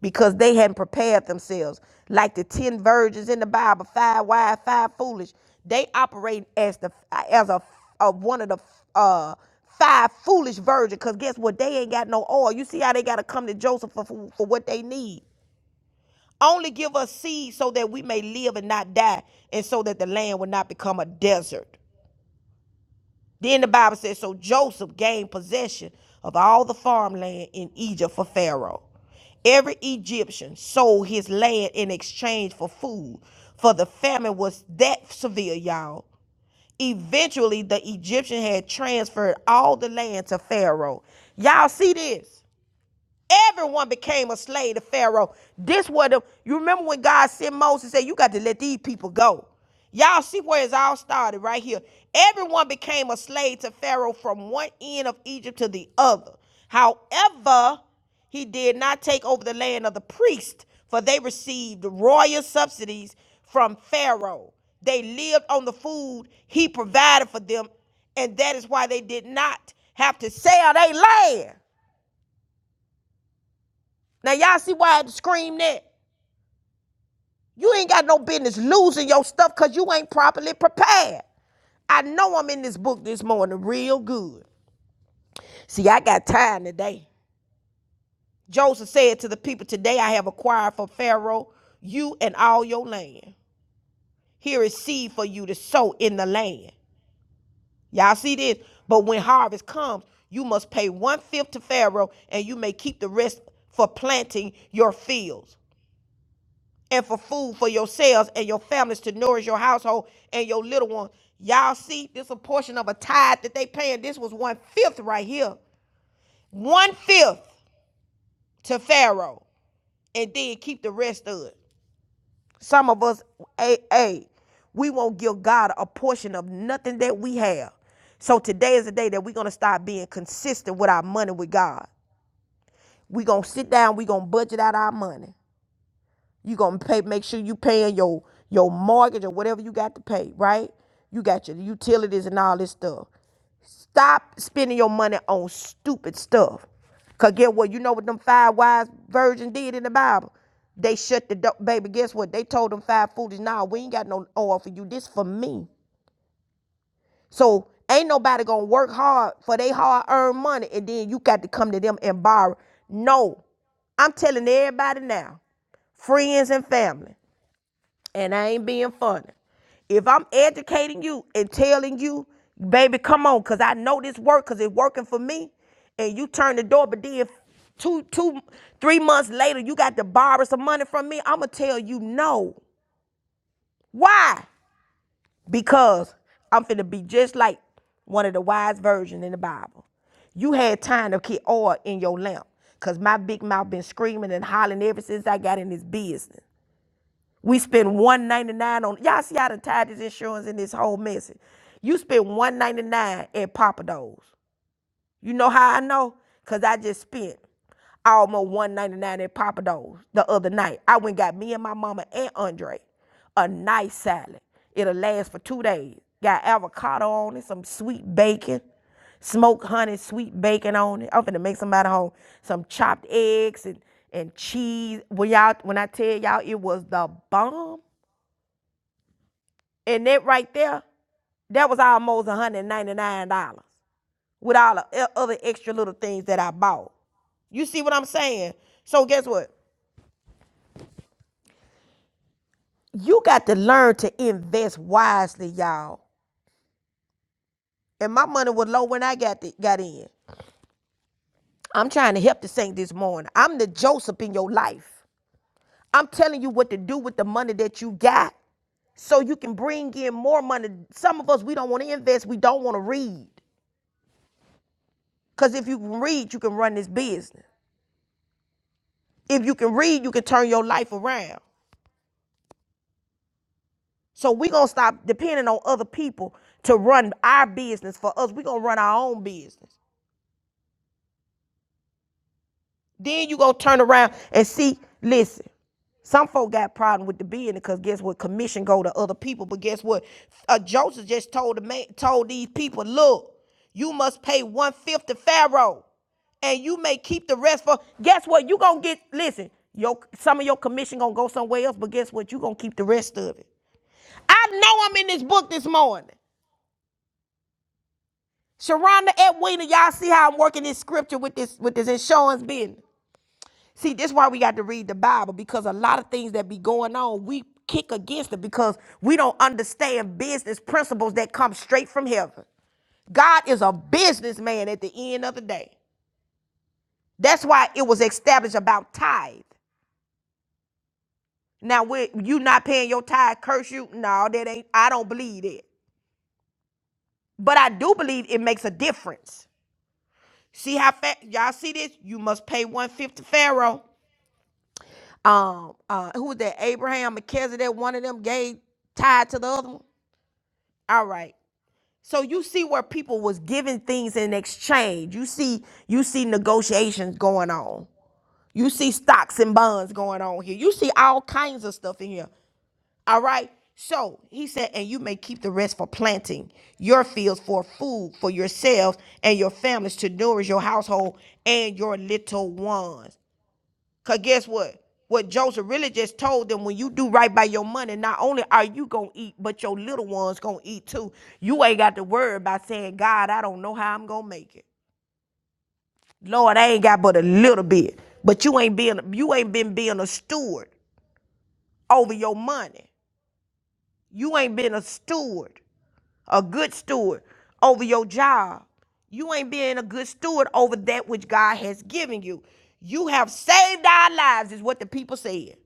because they hadn't prepared themselves. Like the ten virgins in the Bible, five wise, five foolish. They operate as the as a, a one of the uh five foolish virgins. Cause guess what? They ain't got no oil. You see how they gotta come to Joseph for, for, for what they need. Only give us seed so that we may live and not die, and so that the land will not become a desert. Then the Bible says, So Joseph gained possession of all the farmland in Egypt for Pharaoh. Every Egyptian sold his land in exchange for food, for the famine was that severe, y'all. Eventually, the Egyptian had transferred all the land to Pharaoh. Y'all see this? Everyone became a slave to Pharaoh. This was the you remember when God sent Moses and said, You got to let these people go. Y'all see where it's all started right here. Everyone became a slave to Pharaoh from one end of Egypt to the other. However, he did not take over the land of the priests, for they received royal subsidies from Pharaoh. They lived on the food he provided for them, and that is why they did not have to sell their land. Now y'all see why I had to scream that? You ain't got no business losing your stuff because you ain't properly prepared. I know I'm in this book this morning real good. See, I got time today. Joseph said to the people, Today I have acquired for Pharaoh you and all your land. Here is seed for you to sow in the land. Y'all see this? But when harvest comes, you must pay one fifth to Pharaoh and you may keep the rest for planting your fields. and for food for yourselves and your families to nourish your household and your little one. Y'all see, this a portion of a tithe that they paying. This was one fifth right here, one fifth to Pharaoh, and then keep the rest of it. Some of us, a a, we won't give God a portion of nothing that we have. So today is the day that we're gonna start being consistent with our money with God. We're gonna sit down, we're gonna budget out our money. You gonna pay. Make sure you paying your your mortgage or whatever you got to pay. Right? You got your utilities and all this stuff. Stop spending your money on stupid stuff. Cause get what? You know what them five wise virgins did in the Bible? They shut the door. Baby, guess what? They told them five foolish, nah, we ain't got no oil for you. This for me. So ain't nobody gonna work hard for they hard earned money and then you got to come to them and borrow. No. I'm telling everybody now, friends and family and I ain't being funny. If I'm educating you and telling you, baby, come on, cause I know this work, cause it's working for me, and you turn the door, but then two, two, three months later, you got to borrow some money from me, I'ma tell you no. Why? Because I'm finna be just like one of the wise virgins in the Bible. You had time to keep oil in your lamp. Cause my big mouth been screaming and hollering ever since I got in this business. We spend one ninety nine on y'all see how to tie this insurance in this whole message. You spend one ninety nine at Papa Do's. You know how I know? Cause I just spent almost one ninety nine at Papa Do's the other night. I went and got me and my mama and Andre a nice salad. It'll last for two days. Got avocado on it, some sweet bacon, smoked honey, sweet bacon on it. I'm finna make somebody home some chopped eggs and and cheese. When y'all when I tell y'all it was the bomb. And that right there, that was almost $199 with all the e- other extra little things that I bought. You see what I'm saying? So guess what? You got to learn to invest wisely, y'all. And my money was low when I got the, got in. I'm trying to help the saint this morning. I'm the Joseph in your life. I'm telling you what to do with the money that you got so you can bring in more money. Some of us, we don't want to invest. We don't want to read. Because if you can read, you can run this business. If you can read, you can turn your life around. So we're gonna stop depending on other people to run our business for us. We're gonna run our own business. Then you gonna turn around and see, listen, some folk got problem with the business because guess what? Commission go to other people. But guess what? Uh, Joseph just told the man, told these people, look, you must pay one-fifth to Pharaoh and you may keep the rest for guess what you gonna get listen your some of your commission gonna go somewhere else but guess what you gonna keep the rest of it I know I'm in this book this morning. Sharonda Edwina, y'all see how I'm working this scripture with this with this insurance business. See, this is why we got to read the Bible because a lot of things that be going on, we kick against it because we don't understand business principles that come straight from heaven. God is a businessman at the end of the day. That's why it was established about tithe. Now, when you not paying your tithe, curse you. No, that ain't. I don't believe it, but I do believe it makes a difference. See how fa- y'all see this? You must pay 150 Pharaoh. Um, uh, who was that? Abraham, Melchizedek, one of them gave tied to the other one. All right. So you see where people was giving things in exchange. You see, you see negotiations going on. You see stocks and bonds going on here. You see all kinds of stuff in here. All right. So he said, and you may keep the rest for planting your fields for food for yourselves and your families to nourish your household and your little ones. Cause guess what? What Joseph really just told them, when you do right by your money, not only are you gonna eat, but your little ones gonna eat too. You ain't got to worry about saying, God, I don't know how I'm gonna make it. Lord, I ain't got but a little bit. But you ain't been you ain't been being a steward over your money. You ain't been a steward, a good steward over your job. You ain't being a good steward over that which God has given you. You have saved our lives, is what the people said.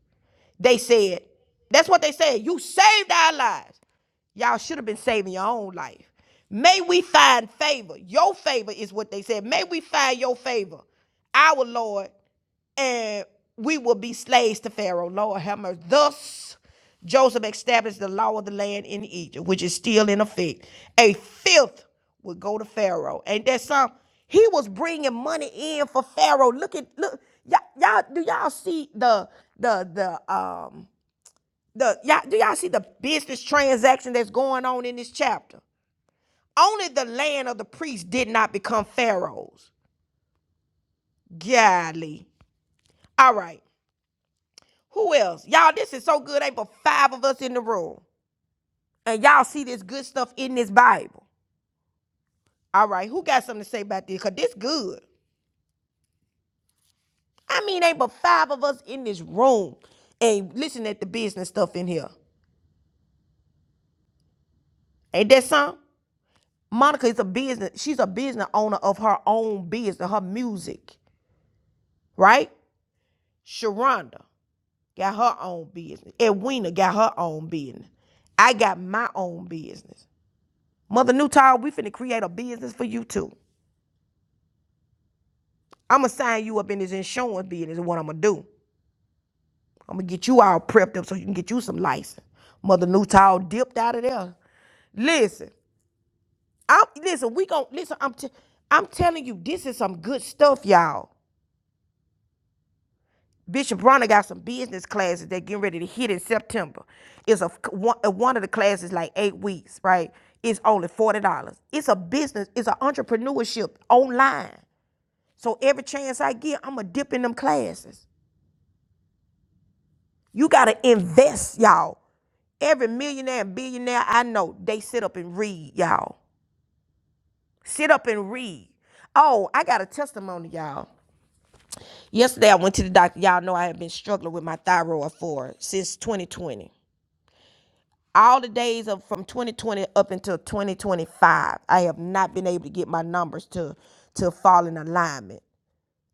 They said, that's what they said. You saved our lives. Y'all should have been saving your own life. May we find favor. Your favor is what they said. May we find your favor, our Lord, and we will be slaves to Pharaoh. Lord have mercy. Thus, Joseph established the law of the land in Egypt, which is still in effect. A fifth would go to Pharaoh. Ain't that some? He was bringing money in for Pharaoh. Look at look, y'all, y'all do y'all see the the the um the y'all, do y'all see the business transaction that's going on in this chapter? Only the land of the priests did not become pharaohs. Golly. All right. Who else? Y'all, this is so good. Ain't but five of us in the room. And y'all see this good stuff in this Bible. All right. Who got something to say about this? Cause this good. I mean, ain't but five of us in this room. And listen at the business stuff in here. Ain't that something? Monica is a business. She's a business owner of her own business, her music, right? Sharonda got her own business. Edwina got her own business. I got my own business. Mother Newtall, we finna create a business for you too. I'ma sign you up in this insurance business is what I'ma do. I'ma get you all prepped up so you can get you some license. Mother Newtall dipped out of there. Listen, I'm listen, we gon' listen, I'm t- I'm telling you, this is some good stuff, y'all. Bishop Bronner got some business classes that getting ready to hit in September. It's a one, uh, one of the classes like eight weeks, right? It's only forty dollars. It's a business. It's an entrepreneurship online. So every chance I get, I'ma dip in them classes. You gotta invest, y'all. Every millionaire and billionaire I know, they sit up and read, y'all. Sit up and read. Oh, I got a testimony, y'all. Yesterday I went to the doctor. Y'all know I have been struggling with my thyroid for since 2020. all the days of from 2020 up until 2025 i have not been able to get my numbers to to fall in alignment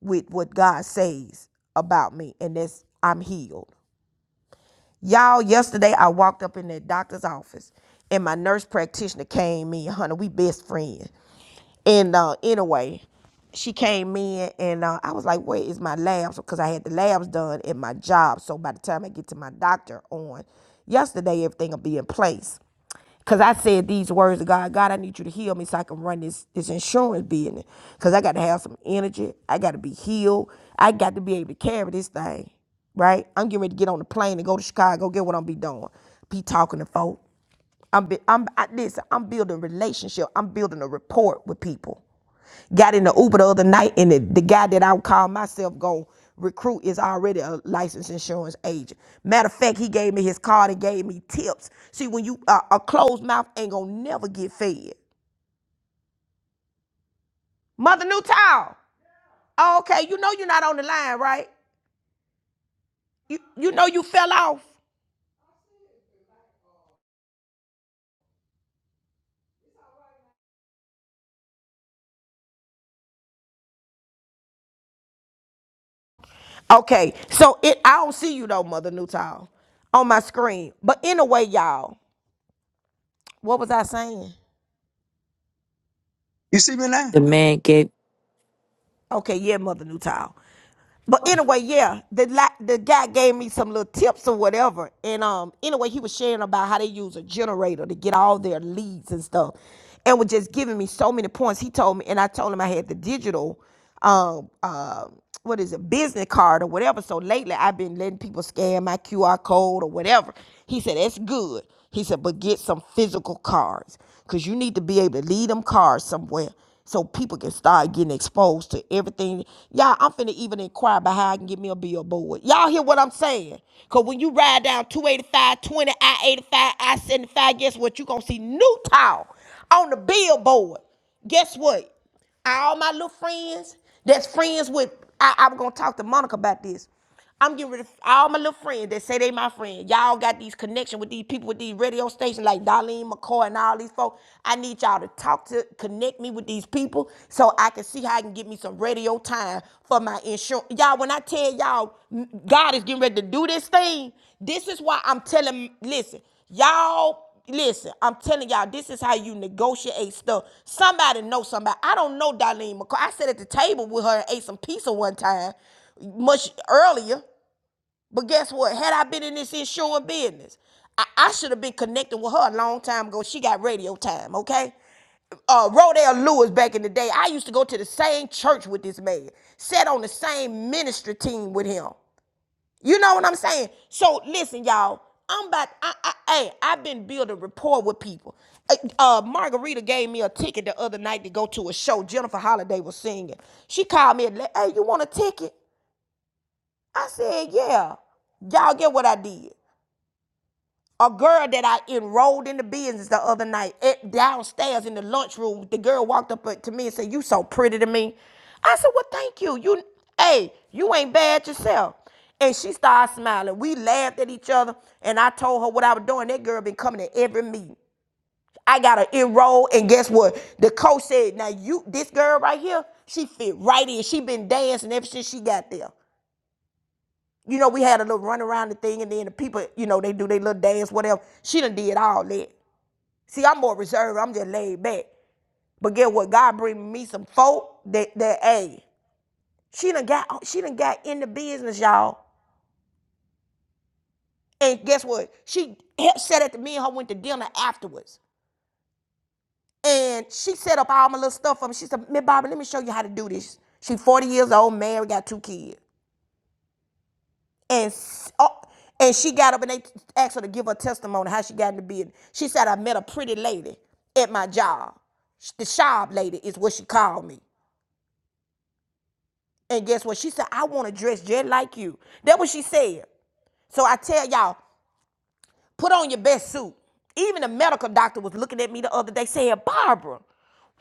with what god says about me and that's i'm healed y'all yesterday i walked up in that doctor's office and my nurse practitioner came in honey we best friends and uh anyway she came in and uh, I was like, "Where is my labs?" Because I had the labs done at my job. So by the time I get to my doctor on yesterday, everything will be in place. Cause I said these words to God, God, I need you to heal me so I can run this this insurance business. Cause I gotta have some energy. I gotta be healed. I got to be able to carry this thing. Right? I'm getting ready to get on the plane and go to Chicago, get what I'm be doing. Be talking to folk. I'm be, I'm I, listen, I'm building relationship. I'm building a rapport with people. Got in the Uber the other night, and the, the guy that I would call myself going recruit is already a licensed insurance agent. Matter of fact, he gave me his card and gave me tips. See, when you uh, a closed mouth ain't gonna never get fed. Mother Newtown, oh, okay, you know you're not on the line, right? You you know you fell off. Okay, so it I don't see you though, Mother Newtown, on my screen. But anyway, y'all, what was I saying?
You see me now?
The man gave
Okay, yeah, Mother Newtown. But anyway, yeah, the la- the guy gave me some little tips or whatever, and um, anyway, he was sharing about how they use a generator to get all their leads and stuff, and was just giving me so many points. He told me, and I told him I had the digital, um, uh, what is it, business card or whatever. So lately, I've been letting people scan my QR code or whatever. He said that's good. He said, but get some physical cards because you need to be able to lead them cars somewhere so people can start getting exposed to everything. Y'all, I'm finna even inquire about how I can get me a billboard. Y'all hear what I'm saying? Because when you ride down two eighty five, twenty, I 85, I 75, guess what? you going to see new tile on the billboard. Guess what? All my little friends that's friends with, I, I was going to talk to Monica about this. I'm getting rid of all my little friends that say they my friend. Y'all got these connection with these people with these radio stations like Darlene McCoy and all these folks. I need y'all to talk to connect me with these people so I can see how I can get me some radio time for my insurance. Y'all, when I tell y'all mm, God is getting ready to do this thing, this is why I'm telling listen, y'all listen, I'm telling y'all, this is how you negotiate stuff. Somebody know somebody. I don't know Darlene McCoy. I sat at the table with her and ate some pizza one time much earlier. But guess what? Had I been in this insurance business, I, I should have been connecting with her a long time ago. She got radio time, okay? Uh, Rodale Lewis back in the day, I used to go to the same church with this man, sat on the same ministry team with him. You know what I'm saying? So listen, y'all. I'm about. I, I, hey, I've been building rapport with people. Uh, uh, Margarita gave me a ticket the other night to go to a show. Jennifer Holliday was singing. She called me and, hey, you want a ticket? I said, yeah. Y'all get what I did. A girl that I enrolled in the business the other night at, downstairs in the lunchroom, the girl walked up to me and said, You so pretty to me. I said, Well, thank you. You hey, you ain't bad yourself. And she started smiling. We laughed at each other, and I told her what I was doing. That girl been coming to every meeting. I got her enrolled, and guess what? The coach said, "Now you, this girl right here, she fit right in. She been dancing ever since she got there. You know, we had a little run around the thing, and then the people, you know, they do their little dance, whatever. She done did all that. See, I'm more reserved. I'm just laid back. But get what? God bring me some folk that that hey, she done got she done got in the business, y'all. And guess what? She said it to me and her went to dinner afterwards. And she set up all my little stuff for me. She said, Miss Bobby, let me show you how to do this. She 40 years old, married, got two kids. and oh, and she got up and they asked her to give her testimony how she got in the business. She said, "I met a pretty lady at my job. The shop lady is what she called me. And guess what? She said, "I want to dress just like you." That what she said. So I tell y'all. Put on your best suit. Even the medical doctor was looking at me the other day saying, Barbara,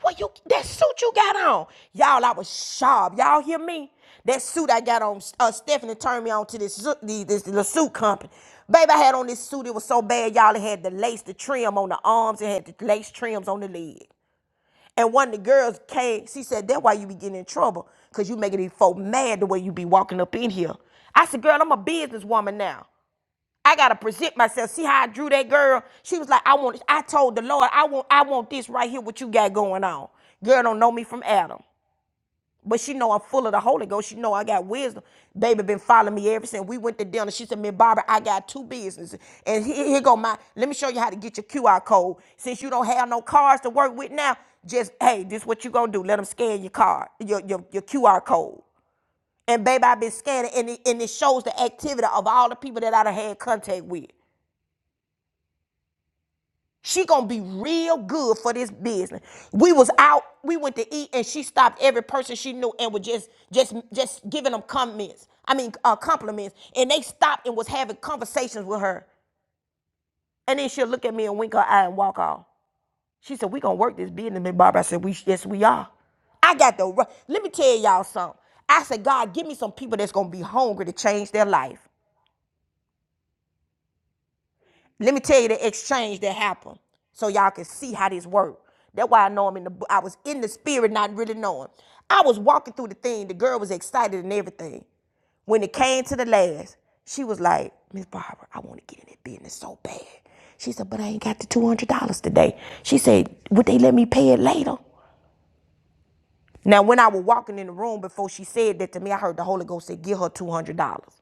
what you that suit you got on? Y'all, I was sharp. Y'all hear me? That suit I got on, uh, Stephanie turned me on to this, suit- this little suit company. Baby, I had on this suit. It was so bad, y'all. It had the lace, the trim on the arms. It had the lace trims on the leg. And one of the girls came. She said, "That's why you be getting in trouble, cause you making these folk mad the way you be walking up in here." I said, "Girl, I'm a businesswoman now. I gotta present myself. See how I drew that girl? She was like, I want I told the Lord, I want I want this right here, what you got going on. Girl don't know me from Adam. But she know I'm full of the Holy Ghost. She know I got wisdom. Baby been following me ever since we went to dinner. She said, "Me, Barbara, I got two businesses, and here, here go my. Let me show you how to get your QR code. Since you don't have no cards to work with now, just hey, this what you gonna do? Let them scan your card, your your, your QR code. And baby, I've been scanning, and it, and it shows the activity of all the people that I done had contact with. She gonna be real good for this business. We was out, we went to eat, and she stopped every person she knew and was just just just giving them comments. I mean uh, compliments. And they stopped and was having conversations with her. And then she'll look at me and wink her eye and walk off. She said, "We gonna work this business, Miss Barbara." I said, "We yes we are." I got the. ri- Let me tell y'all something. I said, God, give me some people that's gonna be hungry to change their life. Let me tell you the exchange that happened, so y'all can see how this worked. That's why I know I'm in the. I was in the spirit, not really knowing. I was walking through the thing. The girl was excited and everything. When it came to the last, she was like, "Miss Barbara, I want to get in that business so bad." She said, "But I ain't got the two hundred dollars today." She said, "Would they let me pay it later?" Now, when I was walking in the room before she said that to me, I heard the Holy Ghost say, "Give her two hundred dollars."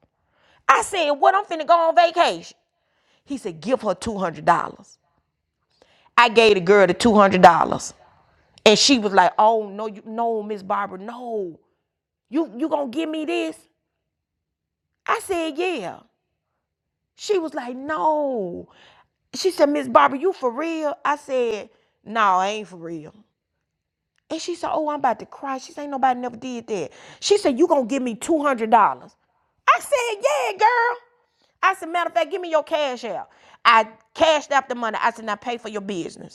I said, "What? I'm finna go on vacation." He said, "Give her two hundred dollars." I gave the girl the two hundred dollars, and she was like, "Oh no, you, no, Miss Barbara, no, you you gonna give me this?" I said, "Yeah." She was like, "No," she said, "Miss Barbara, you for real?" I said, "No, I ain't for real." And she said, "Oh, I'm about to cry." She said, "Ain't nobody never did that." She said, "You gonna give me two hundred dollars?" I said, yeah, girl. I said, matter of fact, give me your cash out. I cashed out the money. I said, now pay for your business.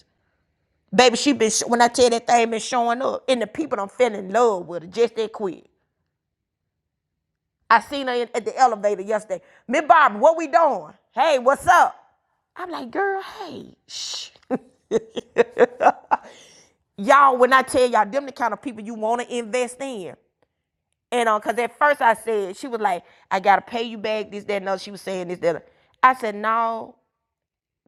Baby, she been sh- when I tell you that thing been showing up, and the people I'm feeling in love with her just that quick. I seen her in, at the elevator yesterday. Miss Barbara, what we doing? Hey, what's up? I'm like, girl, hey, shh. *laughs* y'all, when I tell y'all, them the kind of people you want to invest in. And uh, cause at first I said she was like, I gotta pay you back this that and other. She was saying this that. I said no,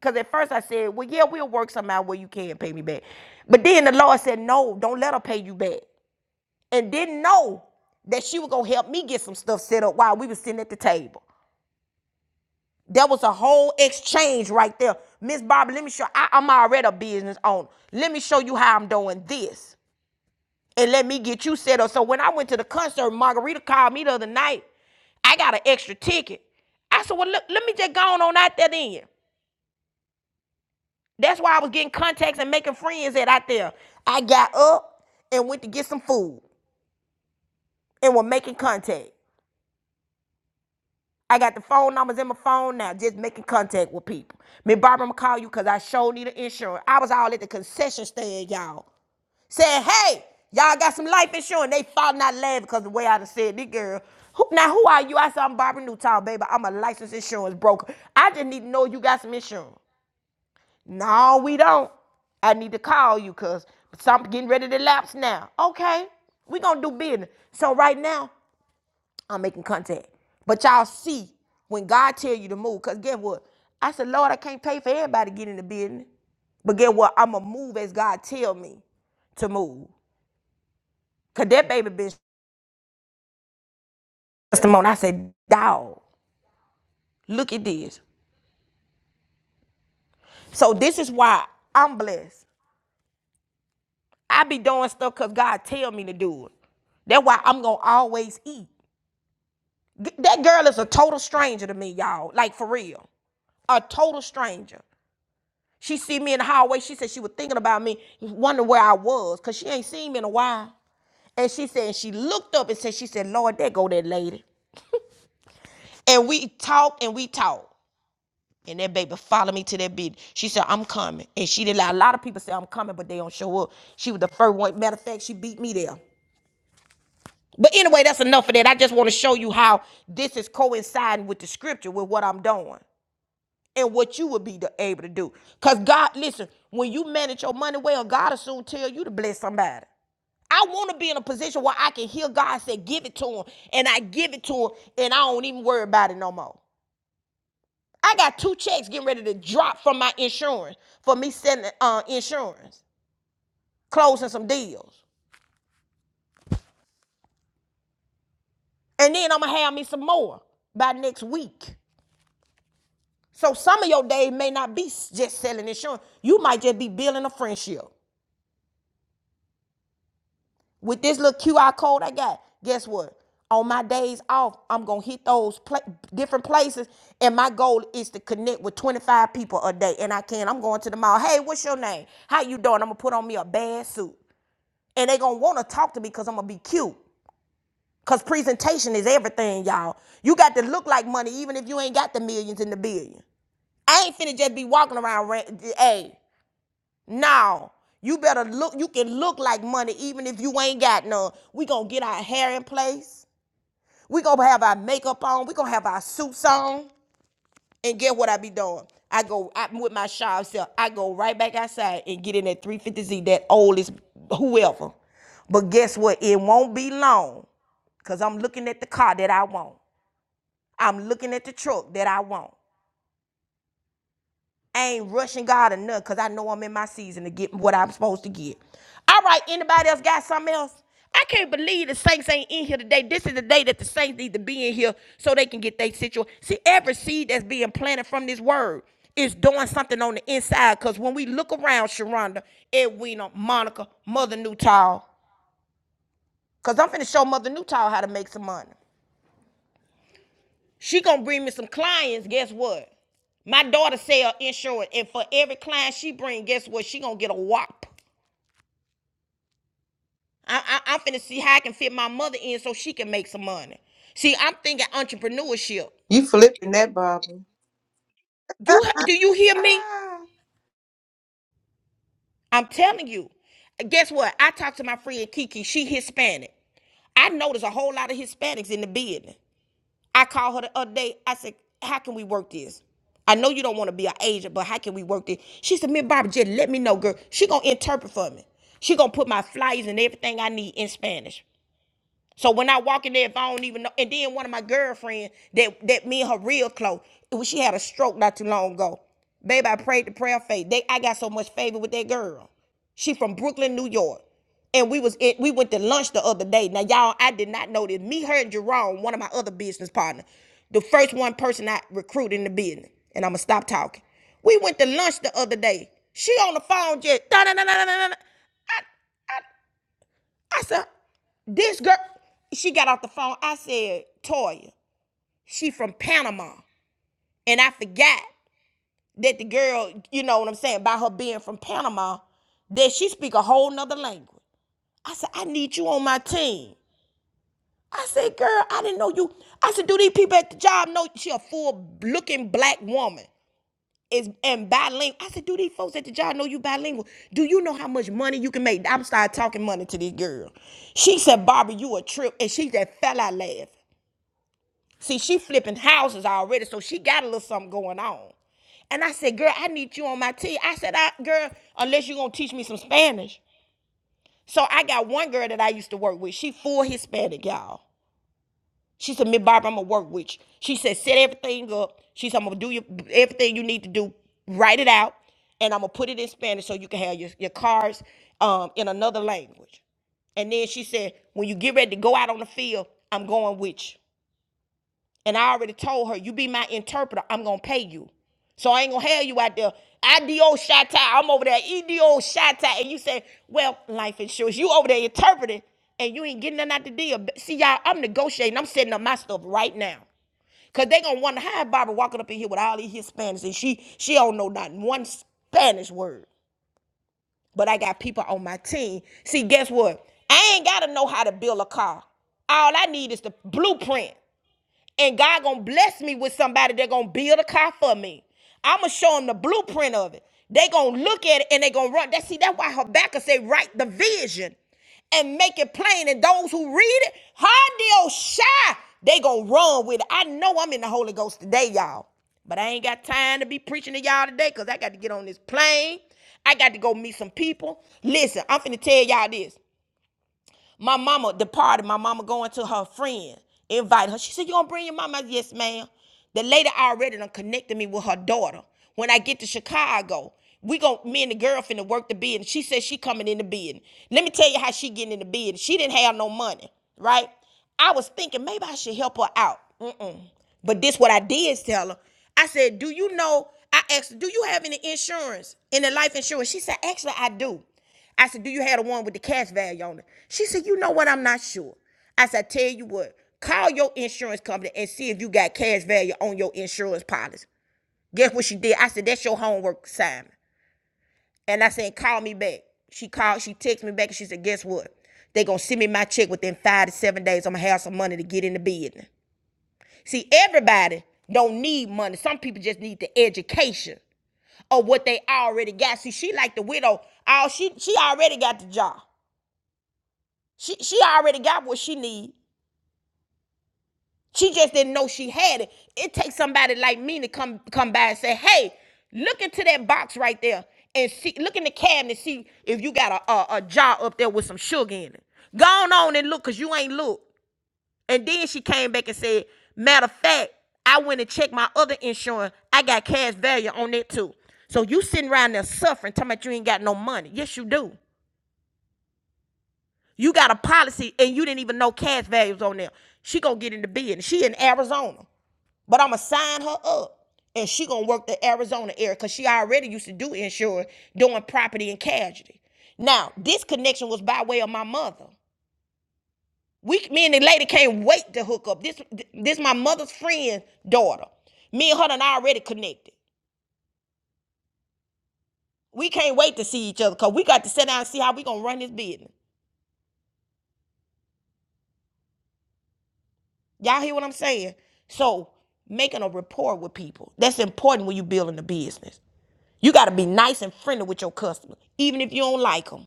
cause at first I said, well yeah, we'll work something out where you can pay me back. But then the Lord said, no, don't let her pay you back. and didn't know that she was gonna help me get some stuff set up while we was sitting at the table. There was a whole exchange right there. Miss Barbara, let me show I, I'm already a business owner. Let me show you how I'm doing this. And let me get you set up. So when I went to the concert, Margarita called me the other night. I got an extra ticket. I said, well, look, let me just go on, on out there then. That's why I was getting contacts and making friends at out there. I got up and went to get some food and were making contact. I got the phone numbers in my phone now, just making contact with people. Me Barbara, I'm gonna call you because I sure need an insurance. I was all at the concession stand, y'all, saying, hey, y'all got some life insurance. They falling out laughing because the way I done said, this girl, who, now who are you? I said, I'm Barbara Newtown, baby. I'm a licensed insurance broker. I just need to know you got some insurance. No, we don't. I need to call you because something getting ready to lapse now. Okay, we gonna do business. So right now, I'm making contact. But y'all see when God tell you to move, because get what? I said, Lord, I can't pay for everybody to get in the business. But get what? I'ma move as God tell me to move. Cause that baby been testimony. I said, dog, look at this. So this is why I'm blessed. I be doing stuff cause God tell me to do it. That's why I'm gonna always eat. G- That girl is a total stranger to me, y'all. Like for real. A total stranger. She see me in the hallway. She said she was thinking about me, wondering where I was, cause she ain't seen me in a while. And she said she looked up and said she said, "Lord, there go that lady." And we talked and we talked. And that baby followed me to that bed. She said, I'm coming. And she did like a lot of people say I'm coming, but they don't show up. She was the first one. Matter of fact, she beat me there. But anyway, that's enough of that. I just want to show you how this is coinciding with the scripture, with what I'm doing. and what you would be the- able to do. Cause God, listen, when you manage your money well, God will soon tell you to bless somebody. I want to be in a position where I can hear God say, "Give it to him," and I give it to him, and I don't even worry about it no more. I got two checks getting ready to drop from my insurance for me sending uh, insurance, closing some deals, and then I'm gonna have me some more by next week. So some of your days may not be just selling insurance. You might just be building a friendship. with this little QR code I got, guess what? On my days off, I'm gonna hit those pla- different places, and my goal is to connect with 25 people a day. And I can. I'm going to the mall. Hey, what's your name? How you doing? I'm gonna put on me a bad suit, and they gonna wanna talk to me because I'm gonna be cute. Cause presentation is everything, y'all. You got to look like money, even if you ain't got the millions and the billion. I ain't finna just be walking around. hey, now, you better look, you can look like money even if you ain't got none. We gonna get our hair in place. We gonna have our makeup on. We gonna have our suits on. And get what I be doing? I go I'm with my shy self. I go right back outside and get in that 350Z, that oldest whoever. But guess what? It won't be long. Cause I'm looking at the car that I want. I'm looking at the truck that I want. I ain't rushing God enough because I know I'm in my season to get what I'm supposed to get. All right, anybody else got something else? I can't believe the saints ain't in here today. This is the day that the saints need to be in here so they can get their situation. See, every seed that's being planted from this word is doing something on the inside. Because when we look around, Sharonda, Edwina, Monica, Mother Newtall, because I'm finna show Mother Newtall how to make some money. She gonna bring me some clients. Guess what? My daughter sell insurance, and for every client she bring, guess what? She gonna get a whop. I, I, I'm finna see how I can fit my mother in so she can make some money. See, I'm thinking entrepreneurship.
You flipping that, Barbara.
Do do you hear me?
Ah.
I'm telling you. Guess what? I talked to my friend Kiki. She Hispanic. I know there's a whole lot of Hispanics in the business. I called her the other day. I said, "How can we work this? I know you don't want to be an agent, but how can we work this?" She said, "Me and Barbara, just let me know, girl. She gonna interpret for me. She gonna put my flyers and everything I need in Spanish." So when I walk in there, if I don't even know, and then one of my girlfriend that that me and her real close, she had a stroke not too long ago, Baby, I prayed the prayer of faith. They, I got so much favor with that girl. She from Brooklyn, New York, and we was in, we went to lunch the other day. Now y'all, I did not know this. Me, her, and Jerome, one of my other business partner, the first one person I recruited in the business, and I'ma stop talking. We went to lunch the other day. She on the phone just da da da da da da. I, I, I said, this girl, she got off the phone. I said, Toya, she from Panama. And I forgot that the girl, you know what I'm saying, by her being from Panama, that she speak a whole nother language. I said, I need you on my team. I said, girl, I didn't know you. I said, do these people at the job know she a full looking black woman? is and bilingual. I said, do these folks at the job know you bilingual? Do you know how much money you can make? I'm started talking money to this girl. She said, Barbara, you a trip, and she just fell out laughing. See, she flipping houses already, so she got a little something going on. And I said, girl, I need you on my team. I said, I, girl, unless you're gonna teach me some Spanish. So I got one girl that I used to work with. She full Hispanic, y'all. She said, Miss Barbara, I'm gonna work with you. She said, set everything up. She said, I'm gonna do your, everything you need to do. Write it out, and I'm gonna put it in Spanish so you can have your, your cars um, in another language. And then she said, when you get ready to go out on the field, I'm going with you. And I already told her, you be my interpreter, I'm gonna pay you. So I ain't gonna have you out there. IDO Shatta, I'm over there, EDO Shatta, and you say, well, life insurance. You over there interpreting and you ain't getting nothing out the deal. See, y'all, I'm negotiating, I'm setting up my stuff right now. Cause they gonna wonder how Barbara walking up in here with all these Hispanics and she she don't know not one Spanish word. But I got people on my team. See, guess what? I ain't gotta know how to build a car. All I need is the blueprint and God gonna bless me with somebody that gonna build a car for me. I'm gonna show them the blueprint of it. They gonna look at it and they gonna run. That see, that's why Habakkuk say, write the vision and make it plain. And those who read it, how shy, they gonna run with it. I know I'm in the Holy Ghost today, y'all. But I ain't got time to be preaching to y'all today because I got to get on this plane. I got to go meet some people. Listen, I'm finna tell y'all this. My mama departed. My mama going to her friend, invite her. She said, You gonna bring your mama? I said, yes, ma'am. The lady already done connected me with her daughter. When I get to Chicago, we gon' me and the girl finna work the bid. She said she coming in the bid. Let me tell you how she getting in the bid. She didn't have no money, right? I was thinking maybe I should help her out. Mm-mm. But this what I did tell her. I said, "Do you know?" I asked, her, "Do you have any insurance, any life insurance?" She said, "Actually, I do." I said, "Do you have the one with the cash value on it?" She said, "You know what? I'm not sure." I said, I "Tell you what, call your insurance company and see if you got cash value on your insurance policy." Guess what she did? I said, "That's your homework assignment." And I said, call me back. She called, she texted me back and she said, guess what? They gonna send me my check within five to seven days. I'm gonna have some money to get in the business. See, everybody don't need money. Some people just need the education of what they already got. See, she like the widow. All she she already got the job. She she already got what she need. She just didn't know she had it. It takes somebody like me to come come by and say, "Hey, look into that box right there and see. Look in the cabinet, see if you got a a, a jar up there with some sugar in it. Go on, and look, cause you ain't look." And then she came back and said, "Matter of fact, I went and checked my other insurance. I got cash value on it too. So you sitting around there suffering, talking about you ain't got no money. Yes, you do." You got a policy and you didn't even know cash values on there. She gonna get in the bid. She in Arizona. But I'ma sign her up. And she gonna work the Arizona area because she already used to do insurance, doing property and casualty. Now, this connection was by way of my mother. We me and the lady can't wait to hook up. This this my mother's friend's daughter. Me and her done already connected. We can't wait to see each other because we got to sit down and see how we gonna run this business. Y'all hear what I'm saying? So making a rapport with people. That's important when you building a business. You gotta be nice and friendly with your customers, even if you don't like like them.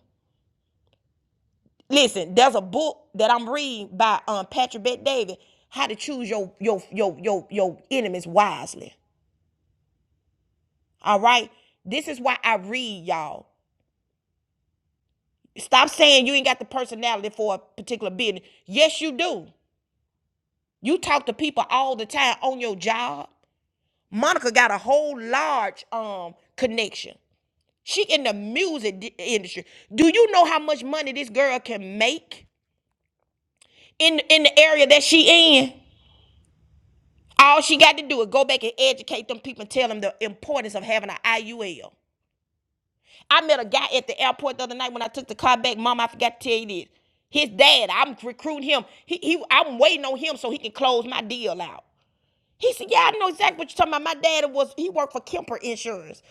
Listen, there's a book that I'm reading by um Patrick Bet David, How to Choose Your Your Your Your Your Enemies Wisely. All right. This is why I read, y'all. Stop saying you ain't got the personality for a particular business. Yes, you do. You talk to people all the time on your job. Monica got a whole large um connection. She in the music di- industry. Do you know how much money this girl can make in in the area that she in? All she got to do is go back and educate them people and tell them the importance of having an IUL. I met a guy at the airport the other night when I took the car back. Mom, I forgot to tell you this. His dad, I'm recruiting him. He, he, I'm waiting on him so he can close my deal out. He said, Yeah, I know exactly what you're talking about. My dad was he worked for Kemper Insurance.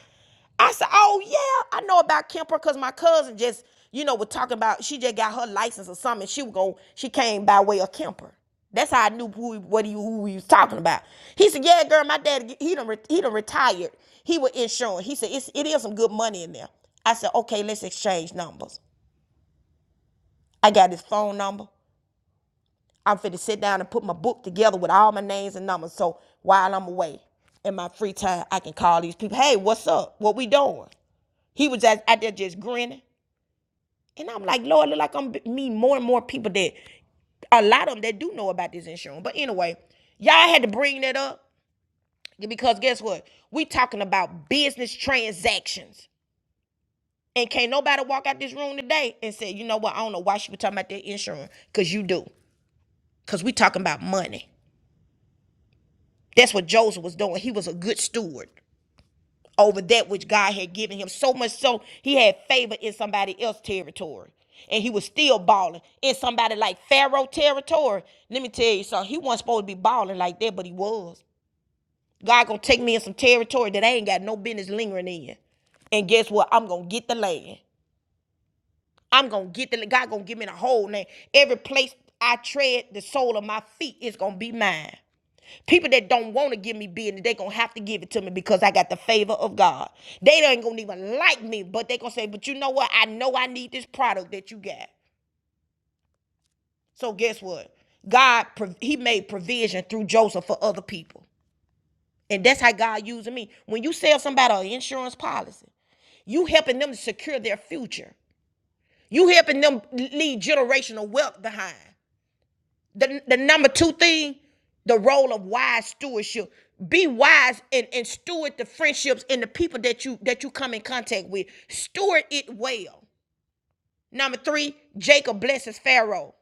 I said, "Oh yeah, I know about Kemper because my cousin just, you know, was talking about she just got her license or something. She was going, she came by way of Kemper. That's how I knew who what he, who we was talking about." He said, "Yeah, girl, my dad he done he done retired. He was insuring. He said it's, it is some good money in there." I said, "Okay, let's exchange numbers. I got his phone number. I'm finna sit down and put my book together with all my names and numbers. So while I'm away in my free time, I can call these people. Hey, what's up? What we doing?" He was just out there just grinning. And I'm like, Lord, look like I'm meeting more and more people that a lot of them that do know about this insurance. But anyway, y'all had to bring that up because guess what? We talking about business transactions. And can't nobody walk out this room today and say, you know what, I don't know why she was talking about that insurance. Cause you do. Cause we talking about money. That's what Joseph was doing. He was a good steward. over that which God had given him. So much so he had favor in somebody else's territory. And he was still balling in somebody like Pharaoh territory. Let me tell you something. He wasn't supposed to be balling like that, but he was. God gonna take me in some territory that I ain't got no business lingering in. And guess what? I'm gonna get the land. I'm gonna get the land. God gonna give me the whole land. Every place I tread, the sole of my feet is gonna be mine. People that don't want to give me business, they gonna have to give it to me because I got the favor of God. They ain't gonna even like me, but they gonna say, "But you know what? I know I need this product that you got." So guess what? God, He made provision through Joseph for other people, and that's how God using me. When you sell somebody an insurance policy, you helping them to secure their future. You helping them leave generational wealth behind. the, the number two thing, the role of wise stewardship. Be wise and, and steward the friendships and the people that you that you come in contact with. Steward it well. Number three, Jacob blesses Pharaoh,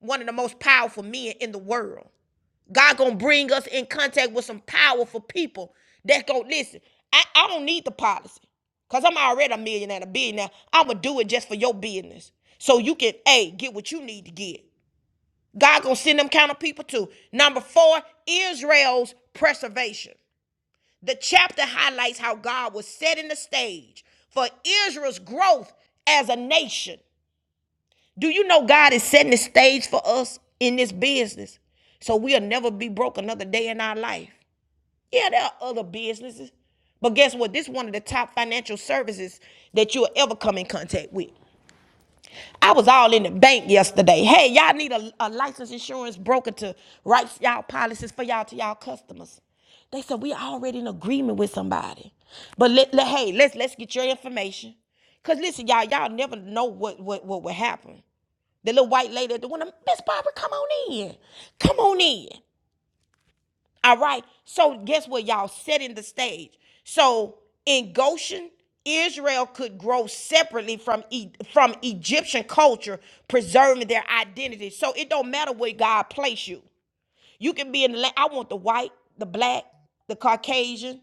one of the most powerful men in the world. God gonna bring us in contact with some powerful people that's gonna listen. I, I don't need the policy. Cause I'm already a millionaire, and a billionaire. I'ma do it just for your business. So you can, A, get what you need to get. God gonna send them kind of people too. Number four, Israel's preservation. The chapter highlights how God was setting the stage for Israel's growth as a nation. Do you know God is setting the stage for us in this business? So we'll never be broke another day in our life. Yeah, there are other businesses. But guess what? This is one of the top financial services that you'll ever come in contact with. I was all in the bank yesterday. Hey, y'all need a, a licensed insurance broker to write y'all policies for y'all to y'all customers. They said we already in agreement with somebody, but let, let- hey, let's let's get your information. Cause listen, y'all, y'all never know what what what would happen. The little white lady at the window, Miss Barbara, come on in, come on in. All right. So guess what, y'all? Setting the stage. So in Goshen, Israel could grow separately from E- from Egyptian culture, preserving their identity. So it don't matter where God place you. You can be in the. la- I want the white, the black, the Caucasian,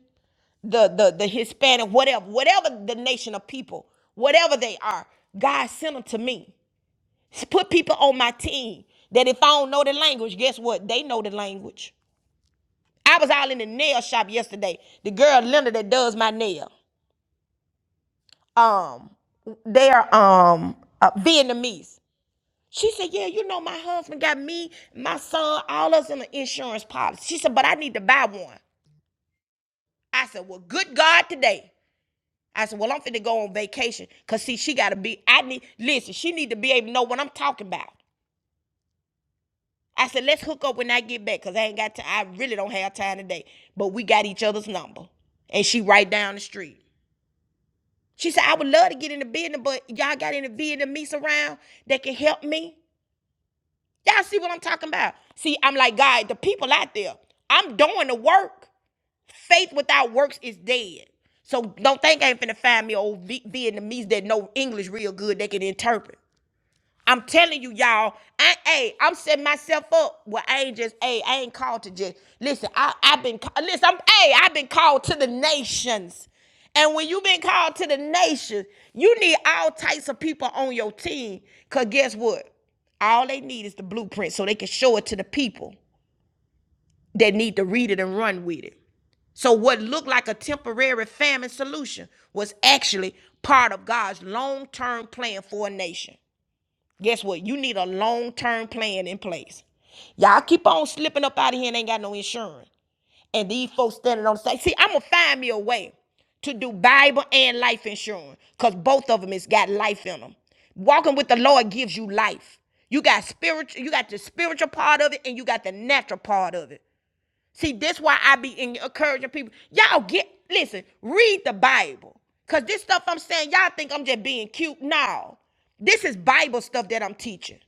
the the the Hispanic, whatever, whatever the nation of people, whatever they are. God sent them to me. Put people on my team that if I don't know the language, guess what? They know the language. I was all in the nail shop yesterday. The girl Linda that does my nail, um, they're um uh, Vietnamese. She said, "Yeah, you know my husband got me, my son, all us in an insurance policy." She said, "But I need to buy one." I said, "Well, good God, today." I said, "Well, I'm finna go on vacation, cause see, she gotta be. I need listen. She need to be able to know what I'm talking about." I said, "Let's hook up when I get back, cause I ain't got time. I really don't have time today, but we got each other's number, and she right down the street." She said, I would love to get in the business, but y'all got any Vietnamese around that can help me? Y'all see what I'm talking about? See, I'm like, God, the people out there, I'm doing the work. Faith without works is dead. So don't think I ain't finna find me old V- Vietnamese that know English real good, they can interpret. I'm telling you, y'all. I, hey, I'm setting myself up. Well, I ain't just. Hey, I ain't called to just. Listen, I, I've been. Listen, I'm. Hey, I've been called to the nations. And when you've been called to the nations, you need all types of people on your team. Cause guess what? All they need is the blueprint, so they can show it to the people that need to read it and run with it. So, what looked like a temporary famine solution was actually part of God's long term plan for a nation. Guess what? You need a long term plan in place. Y'all keep on slipping up out of here and ain't got no insurance. And these folks standing on the side. See, I'm going to find me a way to do Bible and life insurance because both of them has got life in them. Walking with the Lord gives you life. You got spiritual, you got the spiritual part of it and you got the natural part of it. See, that's why I be encouraging people. Y'all get listen, read the Bible. Cause this stuff I'm saying, y'all think I'm just being cute. No. This is Bible stuff that I'm teaching.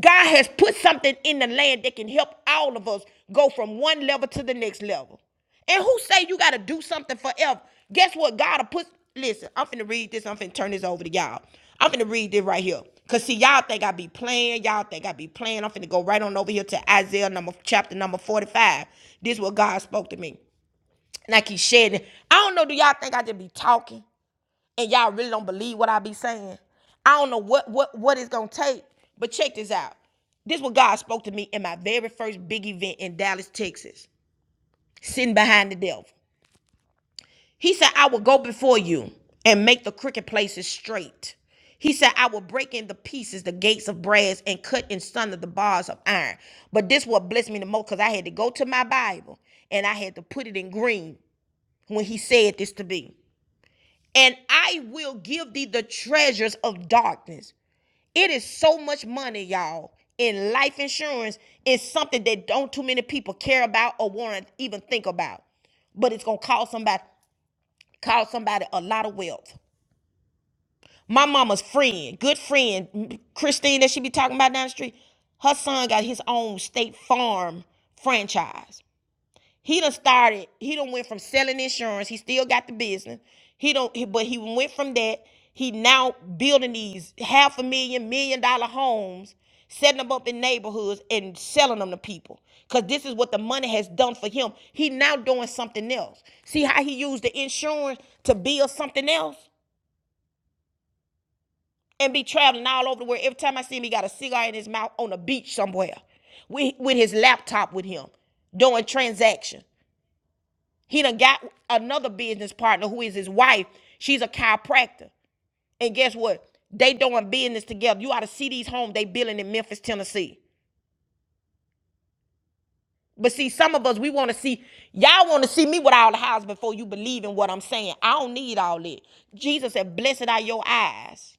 God has put something in the land that can help all of us go from one level to the next level. And who say you gotta do something forever? Guess what? God'll put listen, I'm finna read this, I'm finna turn this over to y'all. I'm finna read this right here. Cause see, y'all think I be playing, y'all think I be playing. I'm finna go right on over here to Isaiah number chapter number 45. This is what God spoke to me. And I keep shedding. I don't know, do y'all think I just be talking and y'all really don't believe what I be saying? I don't know what what what it's gonna take, but check this out. This is what God spoke to me in my very first big event in Dallas, Texas, sitting behind the devil. He said, I will go before you and make the crooked places straight. He said, I will break in the pieces the gates of brass and cut in sunder the bars of iron. But this what blessed me the most because I had to go to my Bible and I had to put it in green when he said this to me. And I will give thee the treasures of darkness. It is so much money, y'all, in life insurance. It's something that don't too many people care about or want to even think about but it's gonna cost somebody. Called somebody a lot of wealth. My mama's friend, good friend, Christine that she be talking about down the street, her son got his own state farm franchise. He done started, he done went from selling insurance, he still got the business. He don't he- but he went from that. He now building these half a million, million dollar homes, setting them up in neighborhoods and selling them to people. Cause this is what the money has done for him. He now doing something else. See how he used the insurance to build something else? and be traveling all over the world. Every time I see him, he got a cigar in his mouth on a beach somewhere with, with his laptop with him doing transaction. He done got another business partner who is his wife. She's a chiropractor. And guess what? They doing business together. You ought to see these homes they building in Memphis, Tennessee. But see, some of us, we want to see, y'all want to see me with all the house before you believe in what I'm saying. I don't need all that. Jesus said, blessed are your eyes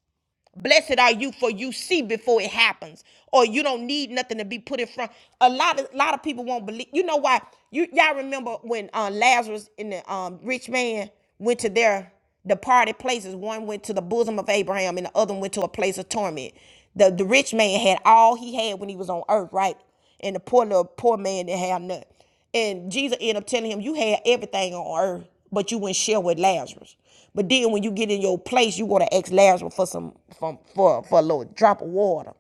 Blessed are you for you see before it happens, or you don't need nothing to be put in front. A lot of a lot of people won't believe. You know why? You y'all remember when uh, Lazarus and the um, rich man went to their departed places. One went to the bosom of Abraham, and the other went to a place of torment. The the rich man had all he had when he was on earth, right? And the poor little poor man didn't have nothing. And Jesus ended up telling him, You had everything on earth, but you wouldn't share with Lazarus. But then when you get in your place, you gonna ask Lazarus for some for, for, for a little drop of water.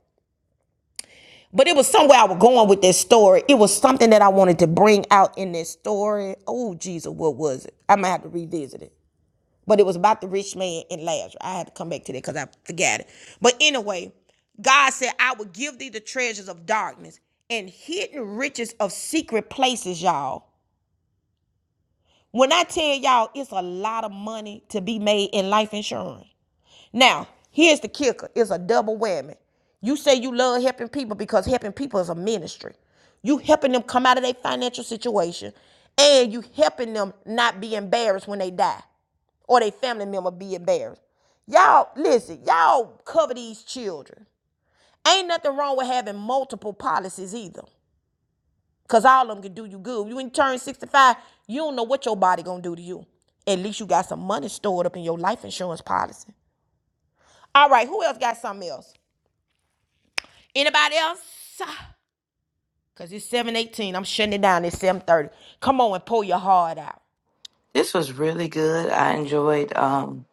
But it was somewhere I was going with this story. It was something that I wanted to bring out in this story. Oh Jesus, what was it? I might have to revisit it. But it was about the rich man and Lazarus. I had to come back to that because I forgot it. But anyway, God said, I will give thee the treasures of darkness and hidden riches of secret places, y'all. When I tell y'all it's a lot of money to be made in life insurance. Now, here's the kicker. It's a double whammy. You say you love helping people because helping people is a ministry. You helping them come out of their financial situation and you helping them not be embarrassed when they die or their family member be embarrassed. Y'all, listen, y'all cover these children. Ain't nothing wrong with having multiple policies either. Cause all of them can do you good. You ain't turn 65, you don't know what your body gonna do to you. At least you got some money stored up in your life insurance policy. All right, who else got something else? Anybody else? *sighs* Cause it's 718. I'm shutting it down. It's 730. Come on and pull your heart out.
this was really good. I enjoyed um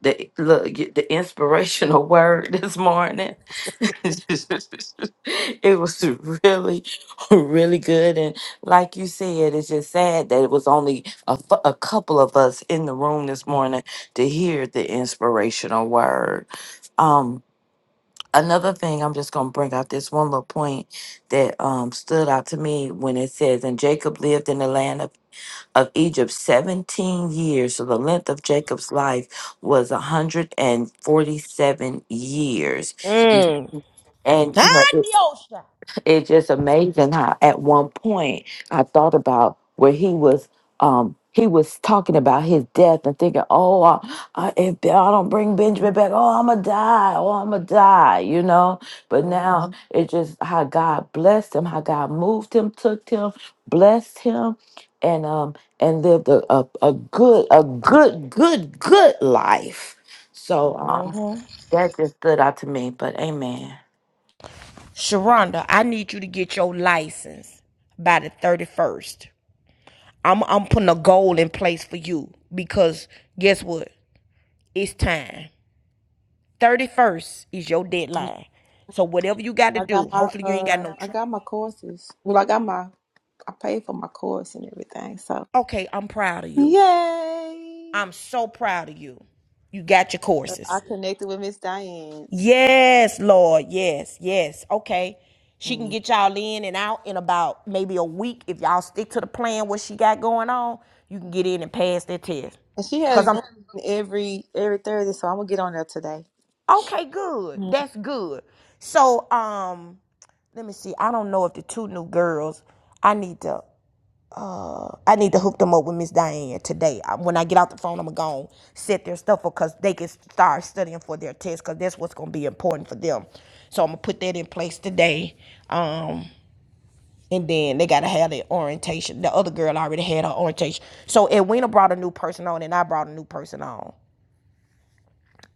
the look the inspirational *laughs* word this morning. *laughs* it was really really good and like you said it's just sad that it was only a, fu- a couple of us in the room this morning to hear the inspirational word. Um, another thing i'm just going to bring out this one little point that um, stood out to me when it says and jacob lived in the land of, of egypt 17 years so the length of jacob's life was 147 years
Mm.
and
Ah,
you know it-
the ocean.
it's just amazing how at one point I thought about where he was um he was talking about his death and thinking, oh, I, I, if I don't bring Benjamin back, oh, I'm gonna die, oh, I'm gonna die, you know. But
hmm
now Mhm. it's just how God blessed him, how God moved him, took him, blessed him, and um and lived a a, a good a good good good life. So um, that just stood out to me. But Amen.
Sharonda, I need you to get your license by the 31st. I'm I'm putting a goal in place for you because guess what? It's time. 31st is your deadline. So whatever you got to
I got
do,
my
hopefully you ain't got
uh
no
I
tr-
got my courses. Well I got my I paid for my course and everything. So
Okay, I'm proud of you.
Yay.
I'm so proud of you. You got your
So
courses.
I connected with Miss Diane.
Yes, Lord. Yes, yes. Okay. She can
Mm.
get y'all in and out in about maybe a week. If y'all stick to the plan what she got going on, you can get in and pass that test.
And she
Cause
has
I'm
Zoom every every Thursday, so I'm gonna get on there today.
okay, good.
Mm.
That's good. So um let me see. I don't know if the two new girls I need to I need to hook them up with Miss Diane today. When I get out the phone, I'm gonna set their stuff up because they can start studying for their test because that's what's gonna be important for them. So I'm gonna put that in place today. Um, and then they gotta have their orientation. The other girl already had her orientation. So Edwina brought a new person on, and I brought a new person on.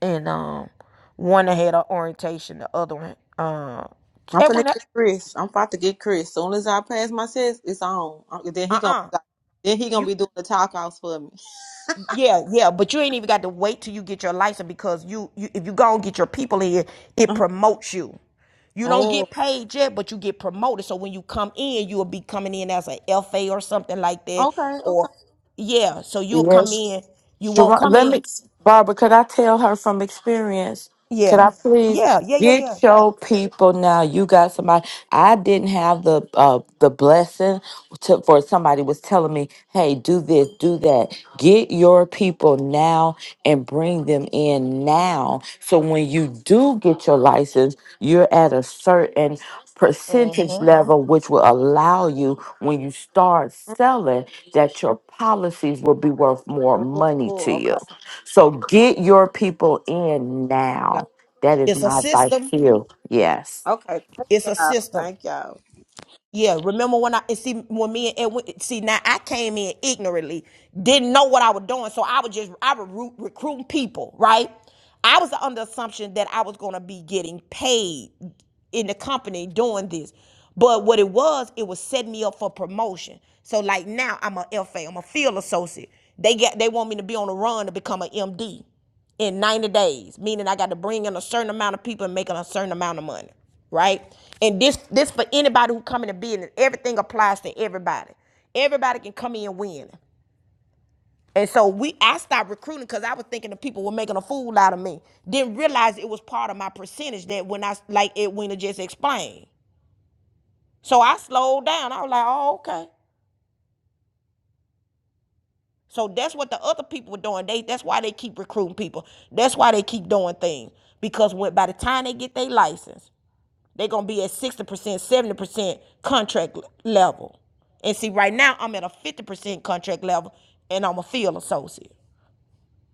And um, one had her orientation, the other one, uh,
I'm gonna
Edwina,
get Chris. I'm about to get Chris. Soon as I pass my test, it's on. Uh, Then
uh,
he gonna
uh
be like, then he gonna
you.
be doing the talk outs for me.
Yeah, yeah, but you ain't even got to wait till you get your license because you, you if you go and get your people in, it
Uh-huh.
promotes you. You don't
Oh,
get paid yet, but you get promoted. So when you come in, you'll be coming in as a FA or something like that.
okay,
Or
okay.
yeah, so you'll come
Yes.
in. You won't
Sharon,
come
let
in.
me, Barbara, could I tell her from experience? Could
Yeah,
I please
yeah, yeah, yeah,
get
yeah.
your people now? You got somebody. I didn't have the uh, the blessing to, for somebody was telling me, "Hey, do this, do that." Get your people now and bring them in now. So when you do get your license, you're at a certain percentage
hmm
level, which will allow you when you start selling that your policies will be worth more
Mm.
money
Oh,
to you.
okay.
So get your people in
Got-
now. That is
It's a
my advice
system.
to you. Yes.
Okay. Thank
It's a
y'all.
system.
Thank y'all.
Yeah, remember when I and see when me and Edwin see now I came in ignorantly, didn't know what I was doing, so I was just I was recruit, recruiting people, right? I was under assumption that I was gonna be getting paid in the company doing this, but what it was, it was setting me up for promotion. So like now I'm a FA, I'm a field associate. They get they want me to be on the run to become an MD in 90 days, meaning I got to bring in a certain amount of people and make a certain amount of money, right? And this this for anybody who come in the business, everything applies to everybody. Everybody can come in winning. And so we I stopped recruiting because I was thinking the people were making a fool out of me. Didn't realize it was part of my percentage that when I like it when it just explained. So I slowed down. I was like, oh, okay. So that's what the other people were doing. They that's why they keep recruiting people. That's why they keep doing things. Because when by the time they get their license, They're gonna be at 60%, 70% contract level. And see, right now I'm at a 50% contract level and I'm a field associate,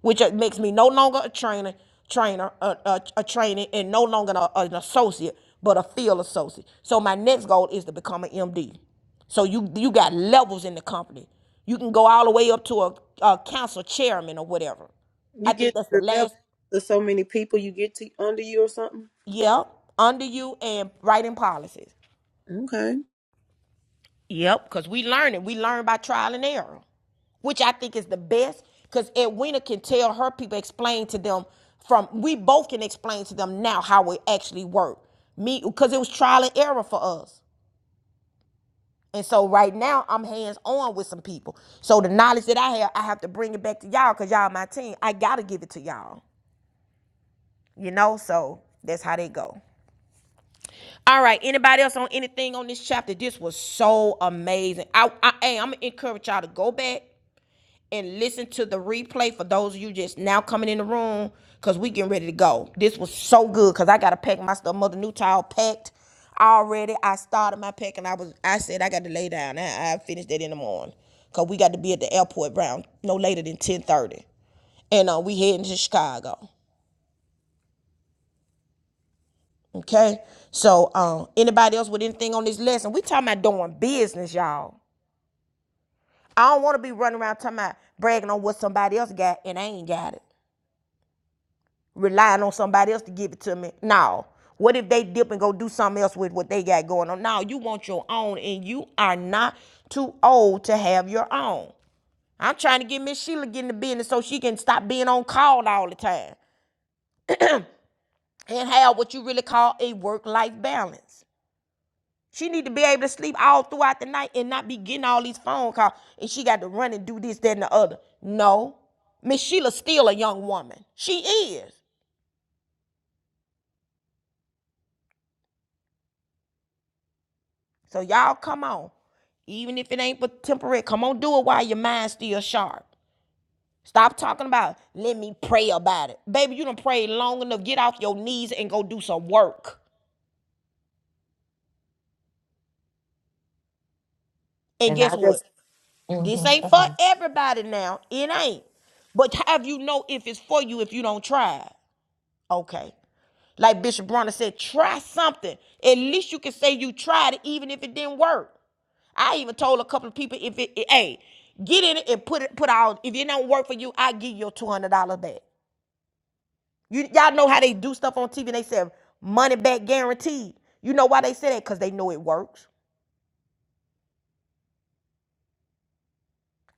which uh, makes me no longer a trainer, trainer, a, a, a trainee, and no longer a- an associate, but a field associate. So my next goal is to become an MD. So you you got levels in the company. You can go all the way up to a, a council chairman or whatever. I
You get
think that's the
to the level
last.
of so many people you get to under you or something.
Yeah, under you and writing policies.
Okay.
Yep, because we learn it. We learn by trial and error, which I think is the best. Because Edwina can tell her people, explain to them from, we both can explain to them now how it actually worked. Me, because it was trial and error for us. And so right now, I'm hands on with some people. So the knowledge that I have, I have to bring it back to y'all because y'all my team. I got to give it to y'all, you know? So that's how they go. All right. Anybody else on anything on this chapter? This was so amazing. I, I, hey, I'm going to encourage y'all to go back and listen to the replay for those of you just now coming in the room because we getting ready to go. This was so good because I gotta pack my stuff. Mother Newtile packed already. I started my pack and I was I said I got to lay down. I, I finished that in the morning because we got to be at the airport around no later than ten thirty, and uh, we heading to Chicago. Okay, so um, anybody else with anything on this lesson? We talking about doing business, y'all. I don't want to be running around talking about bragging on what somebody else got and I ain't got it. relying on somebody else to give it to me. No. What if they dip and go do something else with what they got going on? No, you want your own and you are not too old to have your own. I'm trying to get Miss Sheila get in the business so she can stop being on call all the time and have what you really call a work-life balance. She need to be able to sleep all throughout the night and not be getting all these phone calls and she got to run and do this, that, and the other. No. Miss Sheila's still a young woman. She is. So y'all come on. Even if it ain't but temporary, come on, do it while your mind's still sharp. Stop talking about let me pray about it. Baby, you done prayed long enough. Get off your knees and go do some work. And
And
guess
I
what?
just,
This ain't for
Mhm.
everybody now. It ain't. But have you know if it's for you if you don't try? it? Okay. Like Bishop Bronner said, try something. At least you can say you tried it, even if it didn't work. I even told a couple of people if it, it- hey, get in it and put it put out. If it don't work for you, I give you your two hundred dollars back. You y'all know how they do stuff on TV and they say money back guaranteed. You know why they say that? Cause they know it works.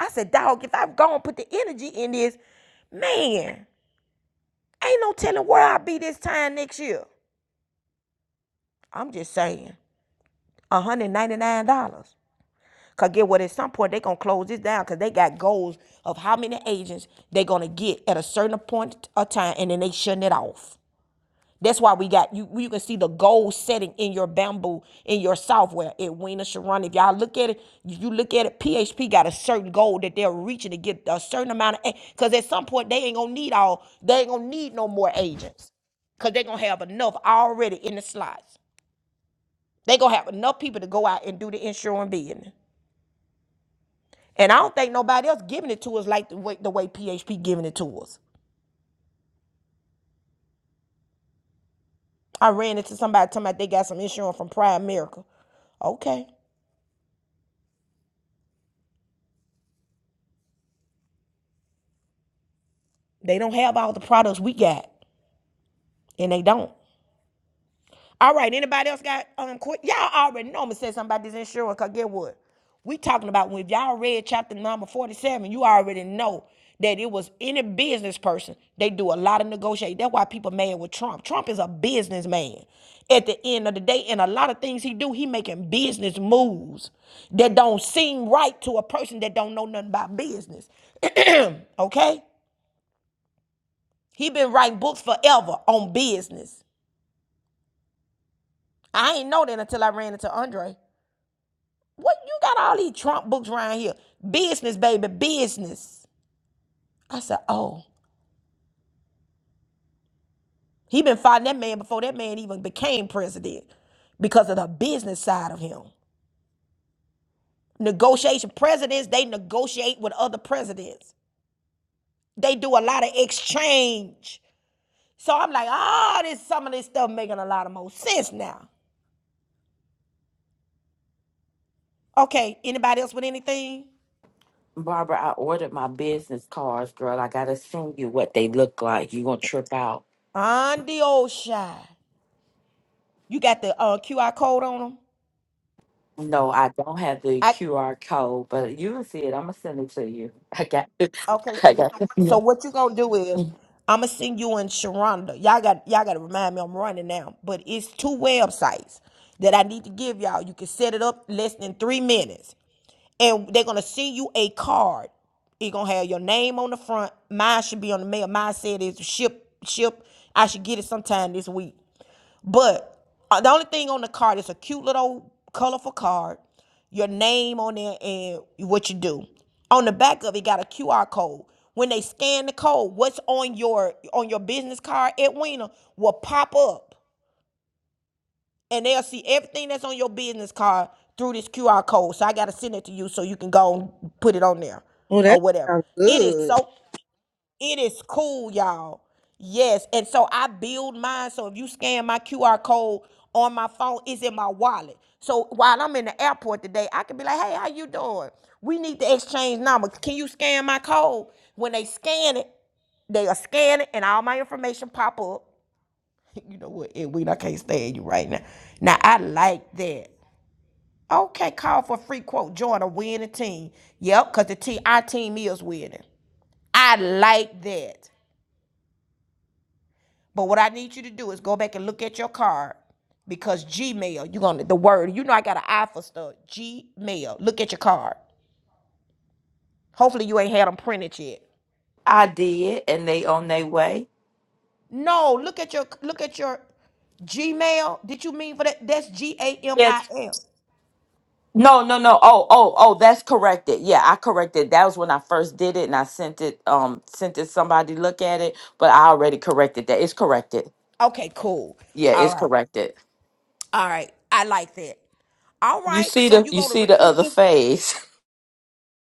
I said, dog, if I've gone put the energy in this, man, ain't no telling where I'll be this time next year. I'm just saying, $199. Cause get what? At some point they gonna close this down because they got goals of how many agents they gonna get at a certain point of time, and then they shutting it off. That's why we got you. You can see the goal setting in your bamboo in your software at Weena Sharon. If y'all look at it, you look at it. PHP got a certain goal that they're reaching to get a certain amount of. Because at some point they ain't gonna need all. They ain't gonna need no more agents. Cause they're gonna have enough already in the slots. They gonna have enough people to go out and do the insurance business. And I don't think nobody else giving it to us like the way, the way PHP giving it to us. I ran into somebody talking about they got some insurance from Prime America. Okay. They don't have all the products we got. And they don't. All right, anybody else got um quick? Y'all already know I'm gonna say something about this insurance, cause get what? We talking about when y'all read chapter number 47, you already know that it was any business person, they do a lot of negotiating. That's why people mad with Trump. Trump is a businessman at the end of the day, and a lot of things he do, he making business moves that don't seem right to a person that don't know nothing about business. *clears throat* okay? He been writing books forever on business. I ain't know that until I ran into Andre. What you got all these Trump books around here? Business, baby, business. I said, oh, he been fighting that man before that man even became president because of the business side of him. Negotiation presidents, they negotiate with other presidents. They do a lot of exchange. So I'm like, ah, this some of this stuff making a lot of more sense now. Okay, anybody else with anything?
Barbara, I ordered my business cards, girl. I got to send you what they look like. you going to trip out.
On the old shy. You got the uh, QR code on them?
No, I don't have the
I.
QR code, but you will see it. I'm going to send it to you. *laughs* I got it.
Okay,
*laughs* I
so
got
so
it.
what you gonna do is I'm gonna send you in Sharonda. Y'all got y'all gotta remind me I'm running now, but it's two websites that I need to give y'all. You can set it up less than three minutes, and they're gonna send you a card. It gonna have your name on the front. Mine should be on the mail. Mine said it's ship ship. I should get it sometime this week. But uh, the only thing on the card is a cute little colorful card, your name on there, and what you do. On the back of it got a QR code. When they scan the code, what's on your on your business card, Edwina, will pop up, and they'll see everything that's on your business card through this QR code. So I gotta send it to you so you can go and put it on there
Well, that
or whatever.
sounds
It is
good.
so it is cool, y'all. Yes. And so I build mine. So if you scan my QR code on my phone, it's in my wallet. So while I'm in the airport today, I can be like, hey, how you doing? We need to exchange numbers. Can you scan my code? When they scan it, they are scanning and all my information pop up. *laughs* You know what, Edwin, I can't stand you right now. Now I like that. Okay, call for free quote. Join a winning team. Yep, because the T our team is winning. I like that. But what I need you to do is go back and look at your card because Gmail, you're gonna the word, you know I got an eye for stuff. Gmail. Look at your card. Hopefully you ain't had them printed yet.
I did, and they on their way.
No, look at your look at your Gmail. Did you mean for that? That's G A M I L.
No, no, no. Oh, oh, oh, that's corrected. Yeah, I corrected. That was when I first did it and I sent it um sent it somebody to look at it, but I already corrected that. It's corrected.
Okay, cool.
Yeah,
All
it's
right.
corrected.
All right. I like that. All
You
right.
see
So
the
you
you
gonna
see the
recruit
other
this?
face. *laughs*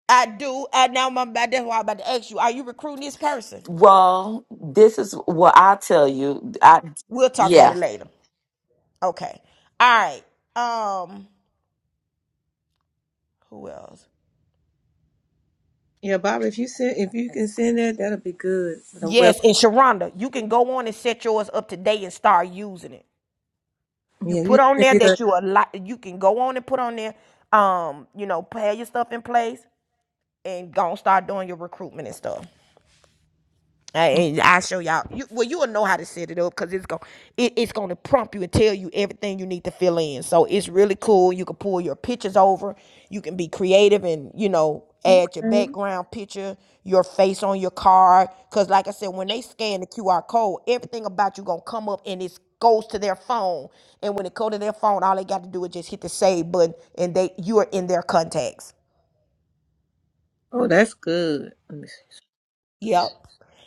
I do. I now my that's why I'm about to ask you. Are you recruiting this person?
Well, this is what I tell you. I
We'll talk about
yeah.
it later. Okay. All right. Um Who else?
Yeah, Bobby, if you send if you can send that, that'll be good. The well.
Yes, and Sharonda, you can go on and set yours up today and start using it. You
yeah, you
put on
send
there
me the
that you a lot. You can go on and put on there, um, you know, have your stuff in place and go and start doing your recruitment and stuff. And I show y'all. You, well, you will know how to set it up because it's going it, it's going to prompt you and tell you everything you need to fill in. So it's really cool. You can pull your pictures over. You can be creative and you know add your
okay.
background picture, your face on your card. Because like I said, when they scan the QR code, everything about you gonna come up and it goes to their phone. And when it go to their phone, all they got to do is just hit the save button, and they you are in their contacts.
Oh, that's good. Let me
Yep.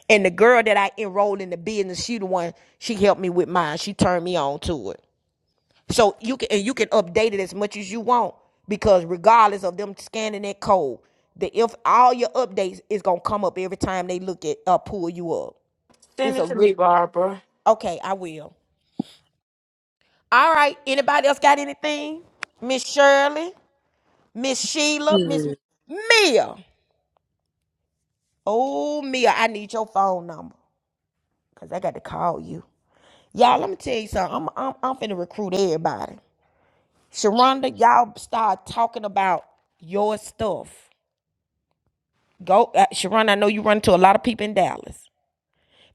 And the girl that I enrolled in the business, she the one she helped me with mine. She turned me on to it. So you can and you can update it as much as you want because regardless of them scanning that code, the if all your updates is gonna come up every time they look at uh pull you up.
Send
It's
it
a
to
ri-
me, Barbara.
okay. I will. All right. Anybody else got anything? Miss Shirley, Miss Sheila, Miss
see.
Mia. Oh Mia, I need your phone number because I got to call you. Y'all, let me tell you something. I'm I'm I'm finna recruit everybody. Sharonda, y'all start talking about your stuff. Go, uh, Sharonda. I know you run into a lot of people in Dallas.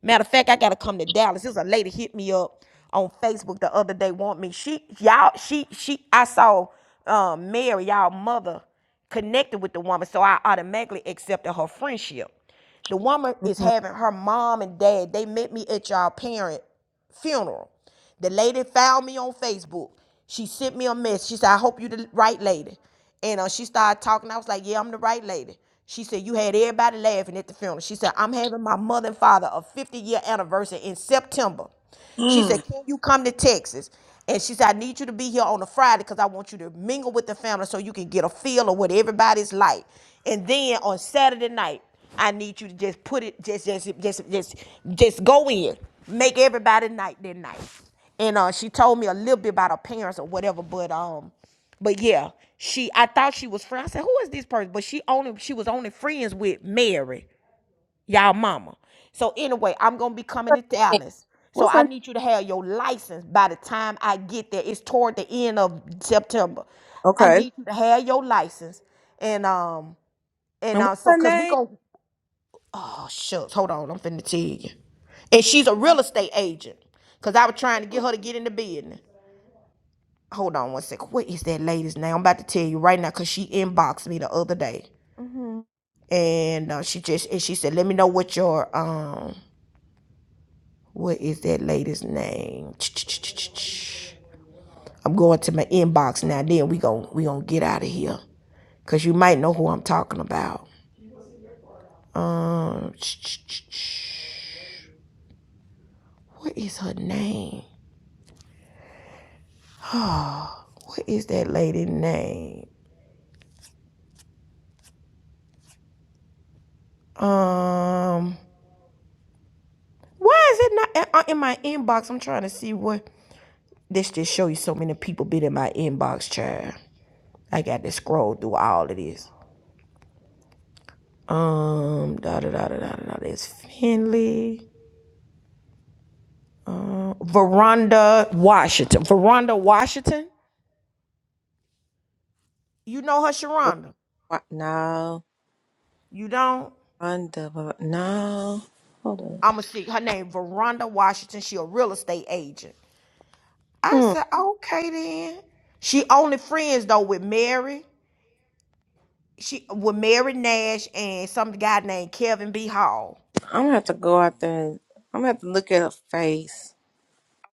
Matter of fact, I gotta come to Dallas. There's a lady hit me up on Facebook the other day. Want me? She y'all. She she. I saw um, Mary, y'all mother, connected with the woman, so I automatically accepted her friendship. The woman is
Mm-hmm.
having her mom and dad. They met me at y'all parent funeral. The lady found me on Facebook. She sent me a message. She said, I hope you the right lady. And uh, she started talking. I was like, Yeah, I'm the right lady. She said, You had everybody laughing at the funeral. She said, I'm having my mother and father a 50 year anniversary in September. She
Mm.
said, Can you come to Texas? And she said, I need you to be here on a Friday because I want you to mingle with the family so you can get a feel of what everybody's like. And then on Saturday night, I need you to just put it, just, just, just, just, just go in. Make everybody night their night. And uh, she told me a little bit about her parents or whatever, but um, but yeah, she I thought she was friends. I said, Who is this person? But she only she was only friends with Mary y'all mama. So anyway, I'm gonna be coming to Dallas. So
What's
I
her?
need you to have your license by the time I get there. It's toward the end of September. I
Okay.
need you to have your license. And um and
And
uh
what's
so
her
cause we
name?
gonna oh shucks, hold on, I'm finna tell you. And she's a real estate agent. Cause I was trying to get her to get into business. Hold on one second. What is that lady's name? I'm about to tell you right now because she inboxed me the other day.
Mm-hmm.
And uh, she just and she said, Let me know what your um What is that lady's name? I'm going to my inbox now. Then we gon' we gonna get out of here, cause you might know who I'm talking about. Um, what is her name? What is that lady's name? Um, why is it not in uh, my inbox? I'm trying to see what. This just show you so many people been in my inbox, child. I got to scroll through all of this. Um, da da da da da da. da. It's Finley. Veranda Washington. Veranda Washington. You know her, Sharonda.
What? No,
You don't?
under no. Hold
I'ma see her name, Veranda Washington. She a real estate agent. I
on.
said,
Hmm.
okay then. She only friends though with Mary. She with Mary Nash and some guy named Kevin B. Hall.
I'm gonna have to go out there. and- I'm gonna have to look at her face.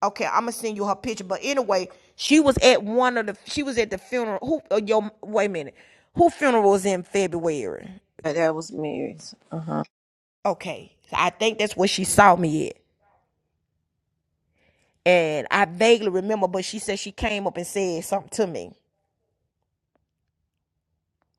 Okay, I'm gonna send you her picture. But anyway, she was at one of the. She was at the funeral. Who? Uh, yo, wait a minute. Who funeral was in February?
But that was Mary's. Uh huh.
Okay, I think that's where she saw me at. and I vaguely remember, but she said she came up and said something to me.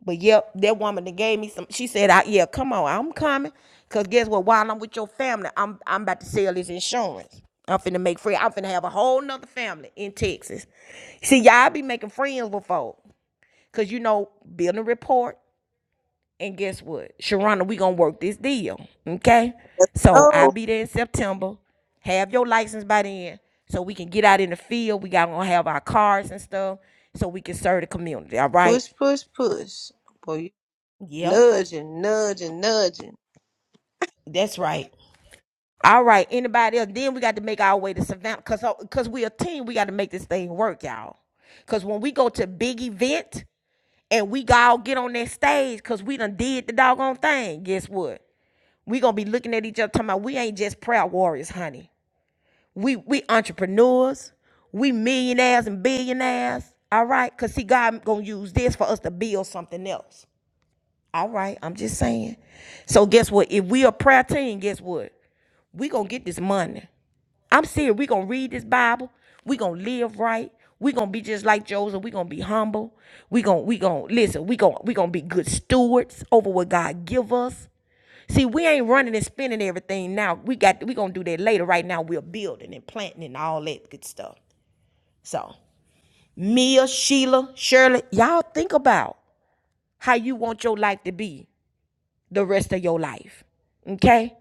But yep, that woman that gave me some. She said, I, "Yeah, come on, I'm coming." Cause guess what? While I'm with your family, I'm I'm about to sell this insurance. I'm finna make friends. I'm finna have a whole nother family in Texas. See, y'all be making friends with folk, cause you know building a rapport. And guess what? Sharonda, we gonna work this deal. Okay? So I'll
No,
be there in September. Have your license by then. So we can get out in the field. We got gonna have our cars and stuff. So we can serve the community. All right.
push, push, push. Boy, you
Yep.
nudging, nudging, nudging.
That's right. All right. Anybody else? Then we got to make our way to Savannah. Cause, uh, cause we a team. We got to make this thing work, y'all. Cause when we go to big event and we all get on that stage, cause we done did the doggone thing. Guess what? we gonna be looking at each other talking about we ain't just proud warriors, honey. We we entrepreneurs, we millionaires and billionaires. All right, cause see, God gonna use this for us to build something else. All right, I'm just saying. So guess what? If we a prayer team, guess what? We gonna get this money. I'm serious. We gonna read this Bible. We gonna live right. We gonna be just like Joseph. We gonna be humble. We gonna we gonna listen. We gonna we gonna be good stewards over what God give us. See, we ain't running and spending everything now. We got we gonna do that later. Right now, we're building and planting and all that good stuff. So, Mia, Sheila, Shirley, y'all think about how you want your life to be the rest of your life. Okay?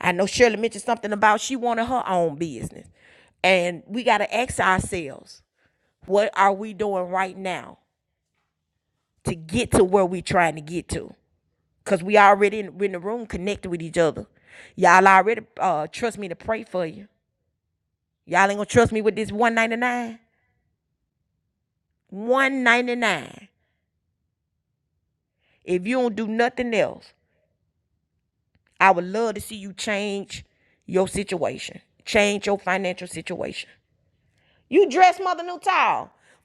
I know Shirley mentioned something about she wanted her own business. And we gotta ask ourselves, what are we doing right now to get to where we are trying to get to? Cause we already in, we in the room connected with each other. Y'all already uh, trust me to pray for you. Y'all ain't gonna trust me with this 199. 199. If you don't do nothing else, I would love to see you change your situation. Change your financial situation. You dress Mother New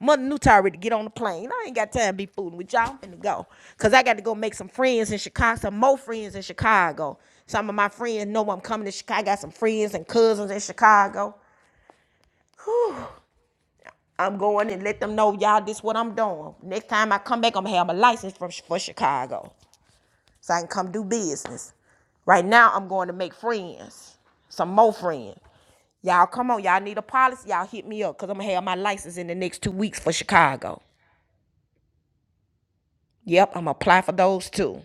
Mother New ready to get on the plane. I ain't got time to be fooling with y'all. I'm finna go. Cause I got to go make some friends in Chicago, some more friends in Chicago. Some of my friends know I'm coming to Chicago. I got some friends and cousins in Chicago. I'm going and let them know y'all this is what I'm doing. Next time I come back, I'm gonna have a license from for Chicago. so I can come do business. Right now, I'm going to make friends, some more friends. Y'all come on, y'all need a policy. Y'all hit me up because I'm gonna have my license in the next two weeks for Chicago. Yep, I'm gonna apply for those too.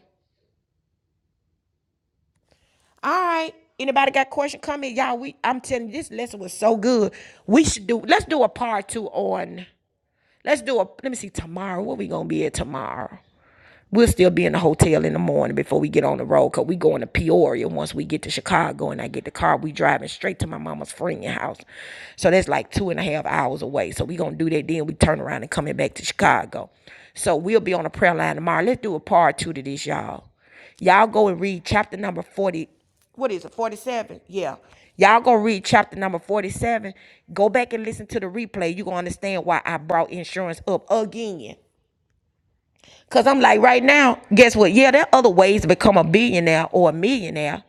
All right. Anybody got question coming? Y'all, we I'm telling you, this lesson was so good. We should do let's do a part two on let's do a let me see tomorrow. What we gonna be at tomorrow? We'll still be in the hotel in the morning before we get on the road because we going to Peoria once we get to Chicago and I get the car. We driving straight to my mama's friend's house. So that's like two and a half hours away. So we going to do that. Then we turn around and coming back to Chicago. So we'll be on a prayer line tomorrow. Let's do a part two to this, y'all. Y'all go and read chapter number 40. What is it? 47? Yeah. Y'all go read chapter number 47. Go back and listen to the replay. You're going to understand why I brought insurance up again. Cause I'm like, right now, guess what? Yeah, there are other ways to become a billionaire or a millionaire,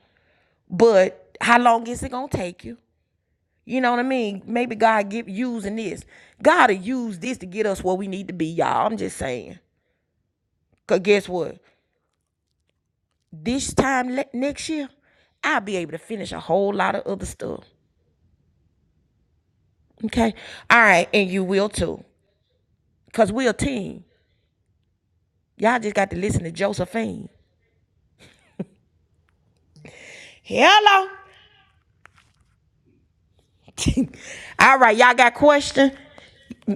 but how long is it gonna take you? You know what I mean? Maybe God give using this. God will use this to get us where we need to be, y'all. I'm just saying. Cause guess what? This time le- next year, I'll be able to finish a whole lot of other stuff. Okay? All right, and you will too. Cause we're a team. Y'all just got to listen to Josephine. Hello. *laughs* All right, y'all got questions.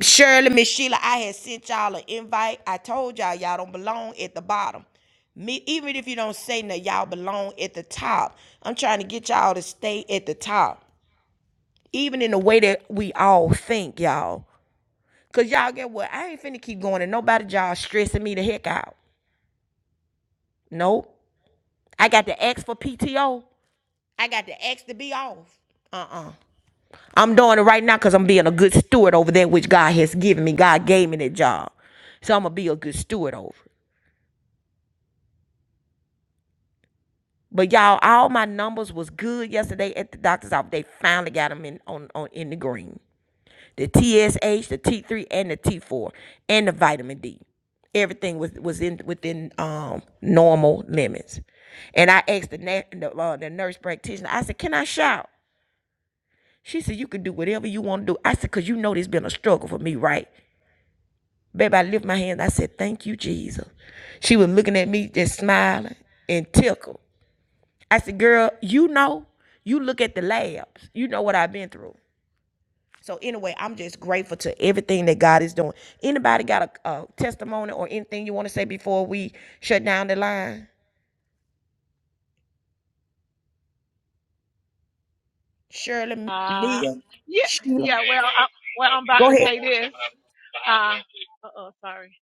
Shirley, Miss Sheila, I had sent y'all an invite. I told y'all y'all don't belong at the bottom. Me, even if you don't say nothing, y'all belong at the top. I'm trying to get y'all to stay at the top, even in the way that we all think, y'all. Cause y'all get what? I ain't finna keep going, and nobody y'all stressing me the heck out. Nope. I got to ask for PTO. I got to ask to be off. Uh-uh. I'm doing it right now because I'm being a good steward over that which God has given me. God gave me that job. So I'm gonna be a good steward over. it. But y'all, all my numbers was good yesterday at the doctor's office. They finally got them in on, on in the green. The TSH, the T3, and the T4, and the vitamin D. Everything was was in within um normal limits. And I asked the na- the, uh, the nurse practitioner. I said, "Can I shout?" She said, "You can do whatever you want to do." I said, "Cause you know there's been a struggle for me, right?" Baby, I lift my hand. I said, "Thank you, Jesus." She was looking at me, just smiling and tickled. I said, girl, you know, you look at the labs. You know what I've been through. So anyway, I'm just grateful to everything that God is doing. Anybody got a, a testimony or anything you want to say before we shut down the line? Shirley,
Uh,
Mia,
yeah,
Sheila,
yeah. Well, I, well, I'm about
go
to
ahead.
say this. Uh, oh, sorry.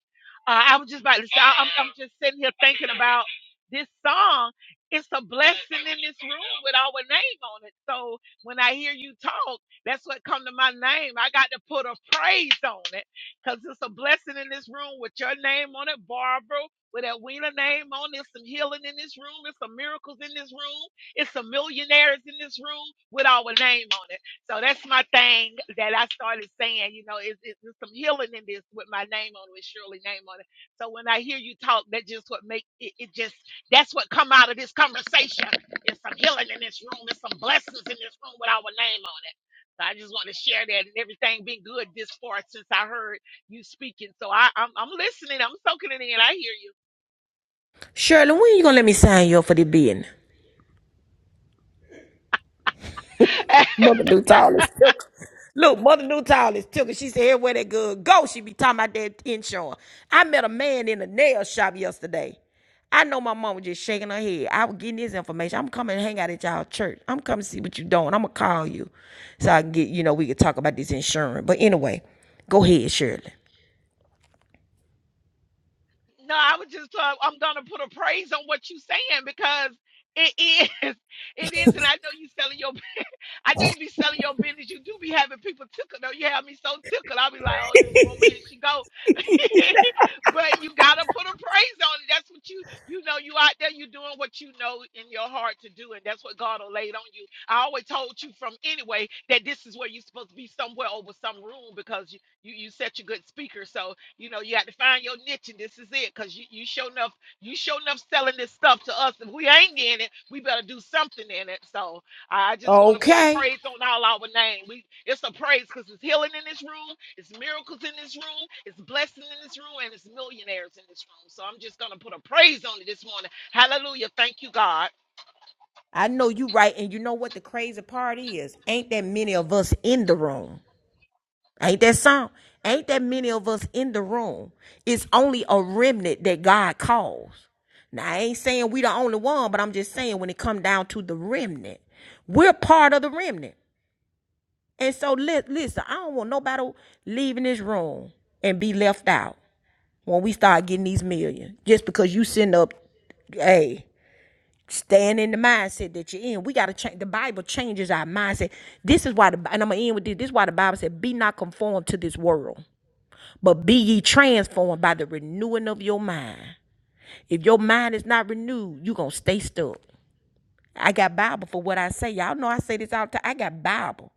Uh, I was just about to say. I- I'm, I'm just sitting here thinking about this song. It's a blessing in this room with our name on it. So when I hear you talk, that's what come to my name. I got to put a praise on it because it's a blessing in this room with your name on it, Barbara. With that Wheeler name on it, some healing in this room, It's some miracles in this room, it's some millionaires in this room with our name on it. So that's my thing that I started saying, you know, is is there's some healing in this with my name on it, with Shirley name on it. So when I hear you talk, that just what make it, it just that's what come out of this conversation. There's some healing in this room, there's some blessings in this room with our name on it. So I just want to share that and everything been good this far since I heard you speaking. So I, I'm I'm listening, I'm soaking it in. I hear you.
Shirley, when you gonna let me sign you up for the bidding?
*laughs*
Mother Newtown is took. Look, Mother Newtown is took. She said, "Where that girl go, she be talking about that insurance. I met a man in a nail shop yesterday. I know my mom was just shaking her head. I was getting this information. I'm coming to hang out at y'all church. I'm coming to see what you doing. I'm going to call you so I can get, you know, we could talk about this insurance. But anyway, go ahead, Shirley.
No, I was just uh, I'm gonna put a praise on what you saying because it is *laughs* it is, and I know you selling your I know you be selling your business. You do be having people tickled. Though you have me so tickled, I'll be like, "Oh, this woman, here she go." *laughs* but you gotta put a praise on it. That's what you, you know, you out there, you doing what you know in your heart to do, and that's what God will laid on you. I always told you from anyway that this is where you're supposed to be somewhere over some room because you, you, you such a good speaker. So you know you got to find your niche, and this is it. Cause you, you show enough, you show enough selling this stuff to us. If we ain't in it, we better do something in it. So. I just want to put a
Okay.
praise on all our name. We it's a praise because it's healing in this room, it's miracles in this room, it's blessing in this room, and it's millionaires in this room. So I'm just gonna put a praise on it this morning. Hallelujah. Thank you, God.
I know you right. And you know what the crazy part is? Ain't that many of us in the room. Ain't that some? Ain't that many of us in the room? It's only a remnant that God calls. Now I ain't saying we the only one, but I'm just saying when it come down to the remnant, we're part of the remnant. And so li- listen, I don't want nobody leaving this room and be left out when we start getting these millions just because you sitting up, hey, staying in the mindset that you're in. We gotta change. The Bible changes our mindset. This is why the and I'm gonna end with this. This is why the Bible said, "Be not conformed to this world." But be ye transformed by the renewing of your mind. If your mind is not renewed, you gonna stay stuck. I got Bible for what I say. Y'all know I say this all the time. I got Bible.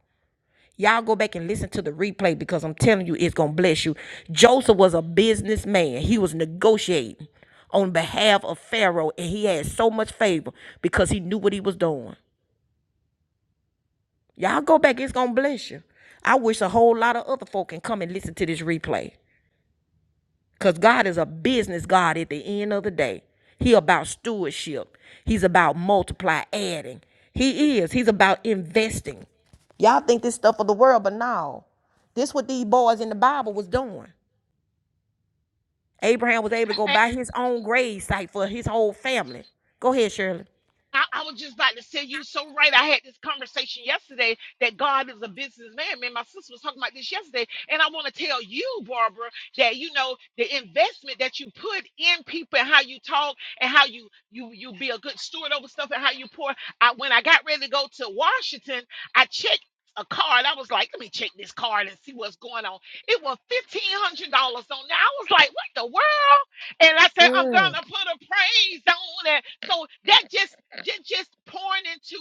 Y'all go back and listen to the replay because I'm telling you, it's gonna bless you. Joseph was a businessman. He was negotiating on behalf of Pharaoh, and he had so much favor because he knew what he was doing. Y'all go back, it's gonna bless you. I wish a whole lot of other folk can come and listen to this replay. Because God is a business God at the end of the day. He about stewardship. He's about multiply, adding. He is. He's about investing. Y'all think this stuff of the world, but no. This what these boys in the Bible was doing. Abraham was able to go buy his own grave site for his whole family. Go ahead, Shirley.
I, I was just about to say you so right. I had this conversation yesterday that God is a businessman. Man, my sister was talking about this yesterday, and I want to tell you, Barbara, that you know the investment that you put in people and how you talk and how you you you be a good steward over stuff and how you pour. I when I got ready to go to Washington, I checked. A card. I was like, let me check this card and see what's going on. It was fifteen hundred dollars on there. I was like, what the world? And I said, I'm
Mm.
gonna put a praise on it. So that just just, just pouring into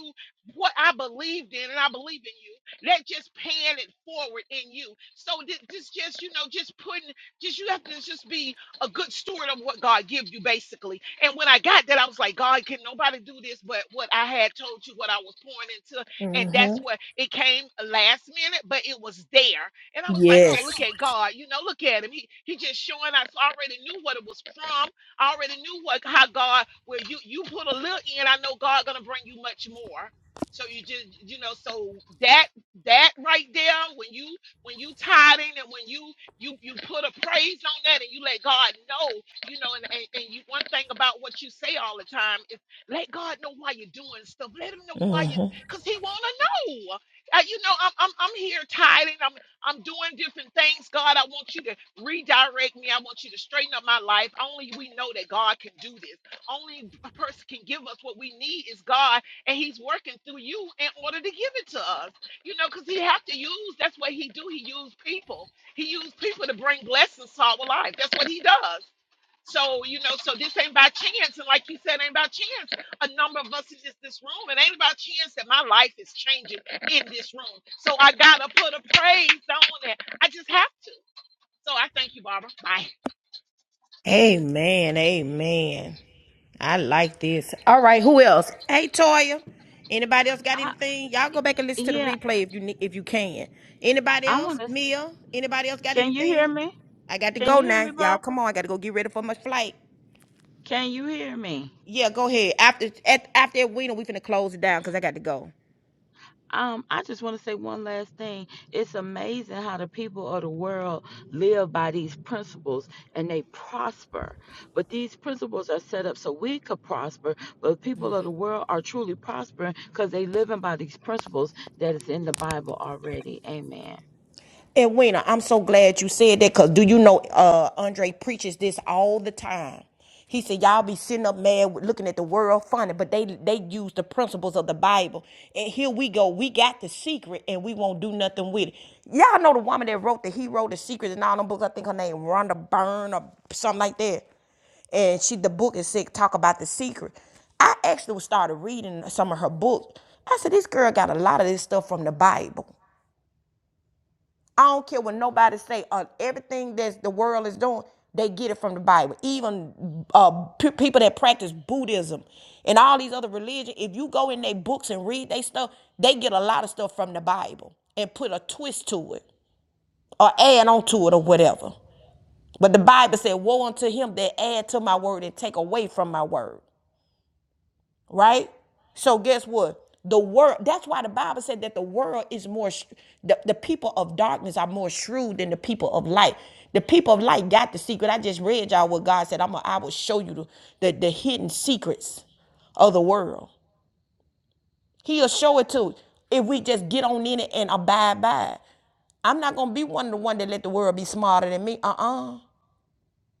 what I believed in, and I believe in you. That just paying it forward in you. So thi- this just, you know, just putting, just you have to just be a good steward of what God gives you, basically. And when I got that, I was like, God, can nobody do this but what I had told you, what I was pouring into, and that's
Mm-hmm.
what it came last minute, but it was there. And I was like, oh,
Yes.
look at God, you know, look at him. He he just showing us. I already knew what it was from. I already knew what how God where you you put a little in. I know God gonna bring you much more. So you just you know so that that right there when you when you tithing and when you you you put a praise on that and you let God know you know and and, and you one thing about what you say all the time is let God know why you're doing stuff let him know why you
Mm-hmm.
because he wanna know uh, you know I'm, I'm I'm here tithing I'm I'm doing different things, God. I want you to redirect me. I want you to straighten up my life. Only we know that God can do this. Only a person can give us what we need is God, and He's working through you in order to give it to us. You know, because He have to use. That's what He do. He use people. He used people to bring blessings to our life. That's what He does. So, you know, so this ain't by chance. And like you said, ain't by chance. A number of us is in this room. It ain't by chance that my life is changing in this room. So I gotta put a praise on it. I just have to. So I thank you, Barbara. Bye.
Amen. Amen. I like this. All right, who else? Hey, Toya. Anybody else got
I,
anything? Y'all go back and listen to the
yeah,
replay if you ne- if you can. Anybody
I
else?
want to.
Mia. Anybody else got
Can you hear
anything?
me?
I got to
Can
go
you hear me,
now. Y'all,
Barbara?
come on. I got to go get ready for my flight.
Can you hear me?
Yeah, go ahead. After at, after that, we know we finna close it down because I got to go.
Um, I just want to say one last thing. It's amazing how the people of the world live by these principles and they prosper. But these principles are set up so we could prosper, but people of the world are truly prospering because they living by these principles that is in the Bible already. Amen.
And Wina, I'm so glad you said that because do you know uh Andre preaches this all the time. He said, Y'all be sitting up mad with- looking at the world funny, but they they use the principles of the Bible. And here we go. We got the secret and we won't do nothing with it. Y'all know the woman that wrote the he wrote the secret and all them books. I think her name Rhonda Byrne or something like that. And she the book is sick, talk about the secret. I actually started reading some of her books. I said, This girl got a lot of this stuff from the Bible. I don't care what nobody say on everything that the world is doing. They get it from the Bible. Even uh, p- people that practice Buddhism and all these other religions, if you go in their books and read their stuff, they get a lot of stuff from the Bible and put a twist to it or add on to it or whatever. But the Bible said, "Woe unto him that add to my word and take away from my word." right? So guess what? The world. That's why the Bible said that the world is more. The, the people of darkness are more shrewd than the people of light. The people of light got the secret. I just read y'all what God said. I'm. A, I will show you the, the the hidden secrets of the world. He'll show it to us if we just get on in it and abide by it. I'm not gonna be one of the one that let the world be smarter than me. Uh uh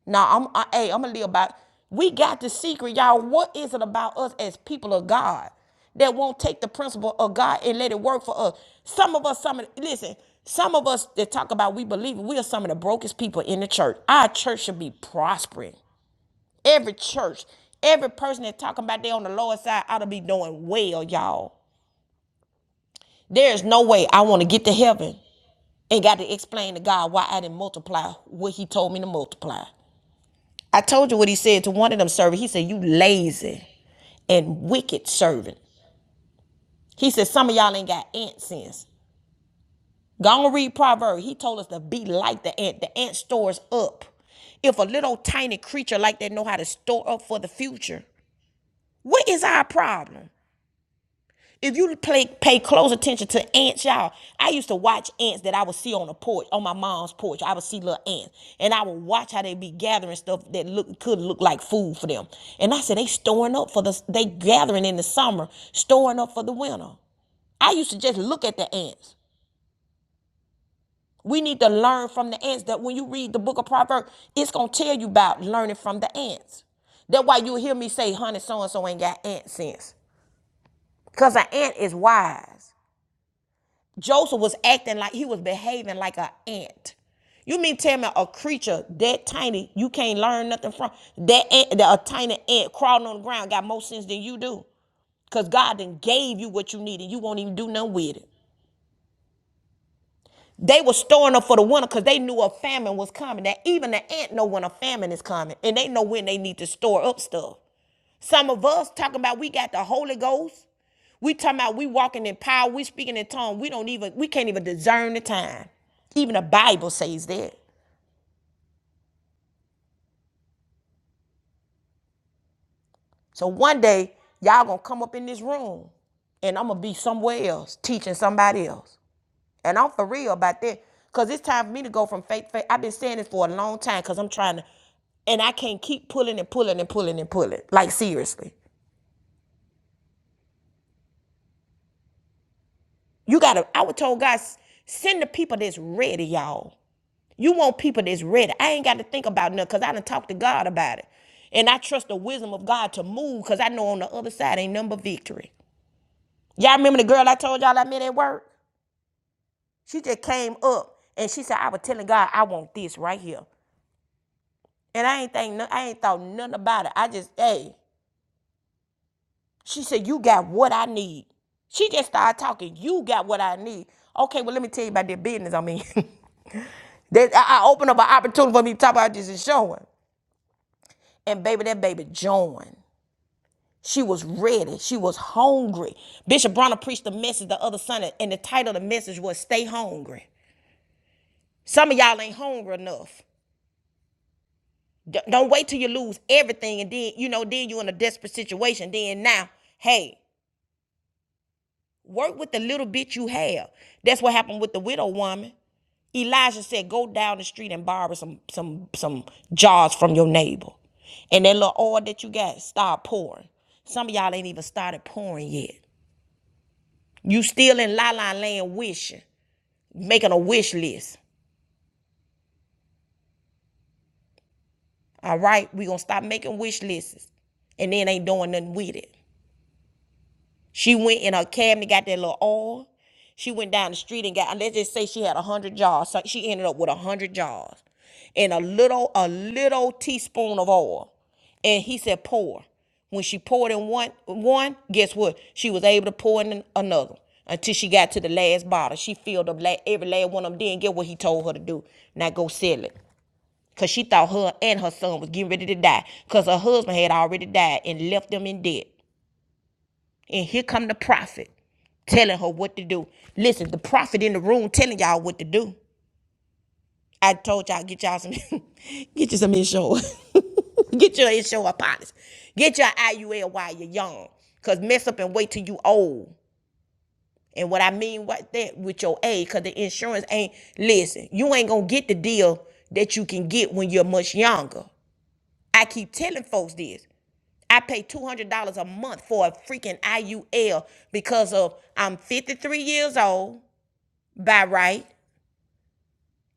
Nah, I'm I, hey, I'm gonna live by. We got the secret, y'all. What is it about us as people of God that won't take the principle of God and let it work for us? Some of us, some of listen, some of us that talk about we believe we are some of the brokest people in the church. Our church should be prospering. Every church, every person that talking about they on the lower side ought to be doing well, y'all. There is no way I want to get to heaven and got to explain to God why I didn't multiply what He told me to multiply. I told you what he said to one of them servants. He said, You lazy and wicked servant. He said, Some of y'all ain't got ant sense. Go and read Proverbs. He told us to be like the ant. The ant stores up. If a little tiny creature like that know how to store up for the future, what is our problem? If you play, pay close attention to ants, y'all, I used to watch ants that I would see on the porch, on my mom's porch. I would see little ants, and I would watch how they be gathering stuff that look could look like food for them. And I said they storing up for the they gathering in the summer, storing up for the winter. I used to just look at the ants. We need to learn from the ants. That when you read the book of Proverbs, it's gonna tell you about learning from the ants. That's why you hear me say, "Honey, so and so ain't got ant sense," because an ant is wise. Joseph was acting like he was behaving like an ant. You mean tell me a creature that tiny you can't learn nothing from? That ant, that a tiny ant crawling on the ground got more sense than you do. Cause God then gave you what you needed. you won't even do nothing with it. They were storing up for the winter because they knew a famine was coming. That even the ant know when a famine is coming and they know when they need to store up stuff. Some of us talking about we got the Holy Ghost. We talking about we walking in power. We speaking in tongues. We don't even we can't even discern the time. Even the Bible says that. So one day y'all gonna come up in this room, and I'm gonna be somewhere else teaching somebody else. And I'm for real about that, cause it's time for me to go from faith. to faith. I've been saying this for a long time, cause I'm trying to, and I can't keep pulling and pulling and pulling and pulling. Like seriously, you gotta. I was told God, send the people that's ready, y'all. You want people that's ready. I ain't got to think about nothing because I done talked to God about it. And I trust the wisdom of God to move because I know on the other side ain't number victory. Y'all remember the girl I told y'all I met at work? She just came up and she said, I was telling God I want this right here. And I ain't think no, I ain't thought nothing about it. I just, hey. She said, You got what I need. She just started talking. You got what I need. Okay, well, let me tell you about that business I mean, *laughs* I, opened up an opportunity for me to talk about this and showing. And baby, that baby joined. She was ready. She was hungry. Bishop Bronner preached a message the other Sunday, and the title of the message was Stay Hungry. Some of y'all ain't hungry enough. D- don't wait till you lose everything and then, you know, then you are in a desperate situation. Then now, hey, work with the little bit you have. That's what happened with the widow woman. Elijah said, Go down the street and borrow some some some jars from your neighbor. And that little oil that you got, start pouring. Some of y'all ain't even started pouring yet. You still in la la land wishing, making a wish list. All right, we gonna stop making wish lists, and then ain't doing nothing with it. She went in her cabinet, got that little oil. She went down the street and got. Let's just say she had a hundred jars. So she ended up with a hundred jars, and a little, a little teaspoon of oil. And he said, pour. When she poured in one, one, guess what? She was able to pour in another until she got to the last bottle. She filled up every last one of them. Didn't get what he told her to do. Now go sell it. Cause she thought her and her son was getting ready to die. Cause her husband had already died and left them in debt. And here come the prophet telling her what to do. Listen, the prophet in the room telling y'all what to do. I told y'all get y'all some *laughs* get you some insurance. *laughs* get your insurance policy. Get your IUL while you're young. Cause mess up and wait till you old. And what I mean what that with your age, cause the insurance ain't listen, you ain't gonna get the deal that you can get when you're much younger. I keep telling folks this. I pay $200 a month for a freaking IUL because of I'm 53 years old by right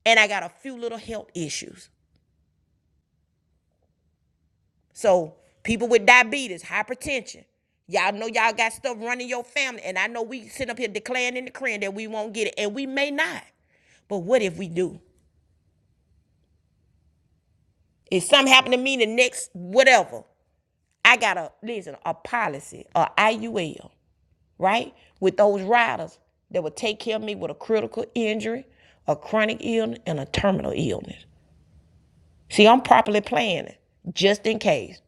and I got a few little health issues. So people with diabetes, hypertension, y'all know y'all got stuff running your family and I know we sit up here declaring in the crib that we won't get it and we may not. But what if we do? If something happened to me the next whatever, I got a listen, a policy, a IUL right? With those riders that would take care of me with a critical injury, a chronic illness, and a terminal illness. See, I'm properly planning just in case.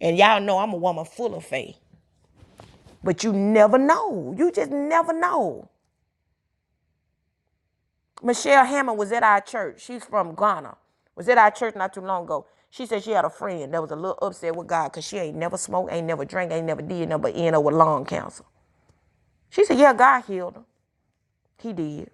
And y'all know I'm a woman full of faith. But you never know. You just never know. Michelle Hammond was at our church. She's from Ghana. Was at our church not too long ago. She said she had a friend that was a little upset with God because she ain't never smoked, ain't never drank, ain't never did nothing but end up with lung cancer. She said, Yeah, God healed her. He did.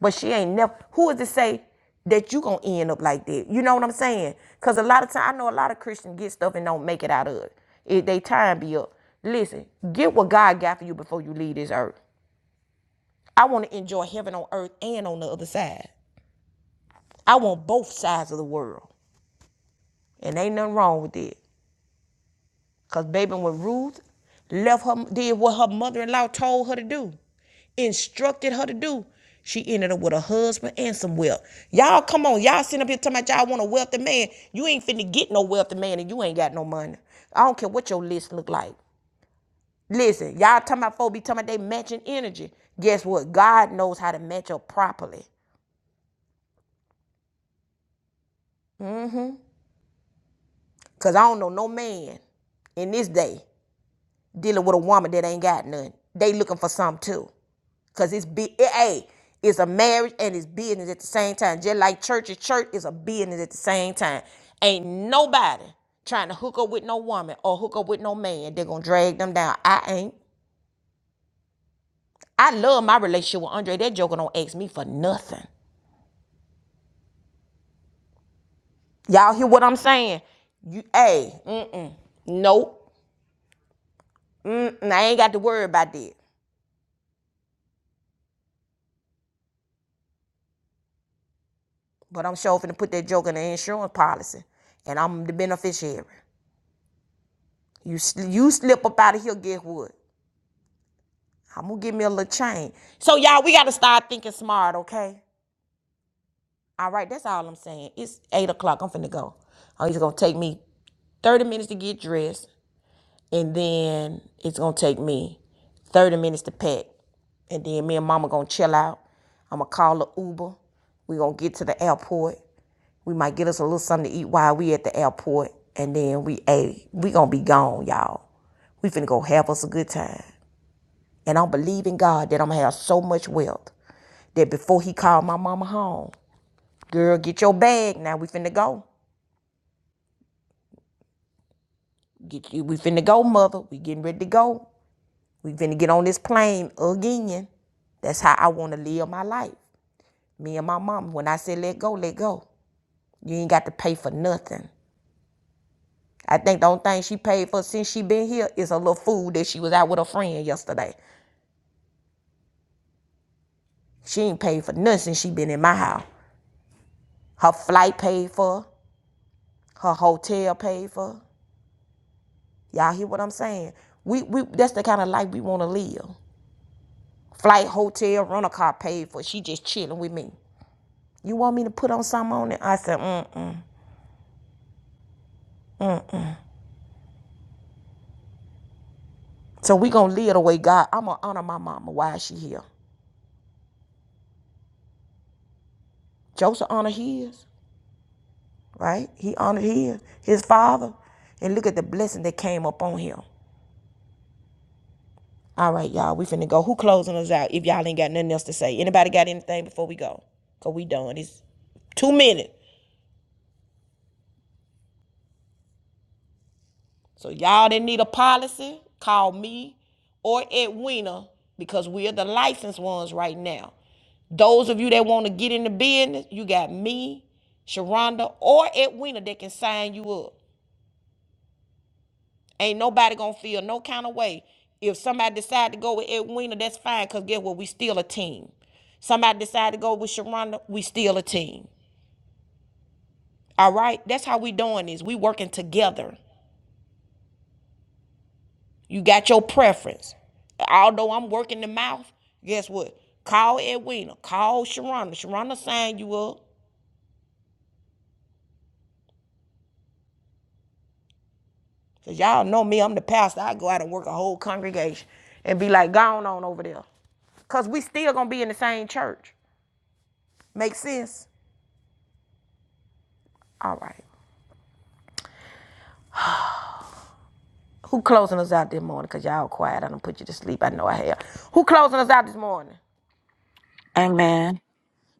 But she ain't never. Who is to say that you gonna end up like that? You know what I'm saying? Cause a lot of time I know a lot of Christians get stuff and don't make it out of it. If they time be up, listen, get what God got for you before you leave this earth. I want to enjoy heaven on earth and on the other side. I want both sides of the world, and ain't nothing wrong with that. Cause baby, when Ruth left her, did what her mother-in-law told her to do, instructed her to do, she ended up with a husband and some wealth. Y'all, come on, y'all sitting up here talking about y'all want a wealthy man. You ain't finna get no wealthy man, and you ain't got no money. I don't care what your list look like. Listen, y'all talking about folks be talking about they matching energy. Guess what? God knows how to match up properly. Cause I don't know no man in this day dealing with a woman that ain't got none. They looking for something too. Cause it's be a it's a marriage and it's business at the same time. Just like church is church, is a business at the same time. Ain't nobody trying to hook up with no woman or hook up with no man. They're gonna drag them down. I ain't. I love my relationship with Andre. That joker don't ask me for nothing. Y'all hear what I'm saying? You a mm-mm. Nope. Mm-mm. I ain't got to worry about that. But I'm sure finna put that joke in the insurance policy. And I'm the beneficiary. You sl- you slip up out of here, guess what? I'm gonna give me a little change. So y'all, we gotta start thinking smart, okay? All right, that's all I'm saying. It's eight o'clock. I'm finna go. Oh, It's gonna take me 30 minutes to get dressed, and then it's gonna take me 30 minutes to pack. And then me and mama gonna chill out. I'm gonna call a Uber. we gonna get to the airport. We might get us a little something to eat while we at the airport. And then we hey, we gonna be gone, y'all. We finna go have us a good time. And I'm believing God that I'm gonna have so much wealth that before he called my mama home, girl, get your bag. Now we finna go. Get you, we finna go, mother. We getting ready to go. We finna get on this plane again. That's how I wanna live my life. Me and my mama. When I said let go, let go. You ain't got to pay for nothing. I think the only thing she paid for since she been here is a little food that she was out with her friend yesterday. She ain't paid for nothing since she been in my house. Her flight paid for, her hotel paid for. Y'all hear what I'm saying? We we that's the kind of life we want to live. Flight, hotel, rental car paid for. She just chilling with me. You want me to put on something on it? I said, mm-mm. So we gonna live the way God. I'm gonna honor my mama while she here. Joseph honored his, right? He honored his, his father. And look at the blessing that came up on him. All right, y'all, we finna go. Who closing us out if y'all ain't got nothing else to say? Anybody got anything before we go? Cause we done. It's two minutes. So y'all that need a policy, call me or Edwina because we are the licensed ones right now. Those of you that want to get in the business, you got me, Sharonda, or Edwina that can sign you up. Ain't nobody gonna feel no kind of way. If somebody decide to go with Edwina, that's fine, because guess what? We still a team. Somebody decide to go with Sharonda, we still a team. All right? That's how we doing this. We working together. You got your preference. Although I'm working the mouth, guess what? Call Edwina. Call Sharonda. Sharonda sign you up. Cause y'all know me, I'm the pastor. I go out and work a whole congregation and be like, gone on over there. Cause we still gonna be in the same church. Make sense? All right. Who closing us out this morning? Cause y'all quiet. I done put you to sleep. I know I have. Who closing us out this morning?
Amen.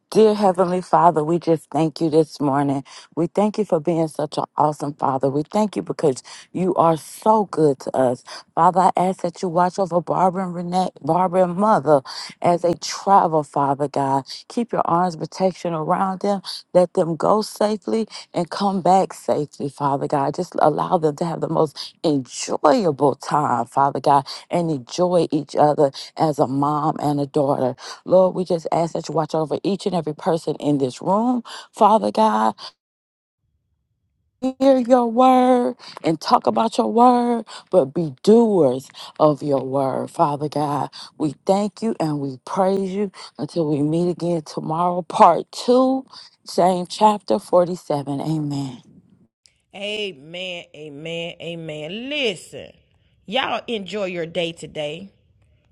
Dear Heavenly Father, we just thank you this morning. We thank you for being such an awesome Father. We thank you because you are so good to us. Father, I ask that you watch over Barbara and Renee, Barbara and Mother as they travel, Father God. Keep your arms of protection around them. Let them go safely and come back safely, Father God. Just allow them to have the most enjoyable time, Father God, and enjoy each other as a mom and a daughter. Lord, we just ask that you watch over each and every person in this room. Father God, hear your word and talk about your word, but be doers of your word. Father God, we thank you and we praise you until we meet again tomorrow, part two, same chapter 47. Amen.
Amen. Amen. Amen. Listen, y'all enjoy your day today.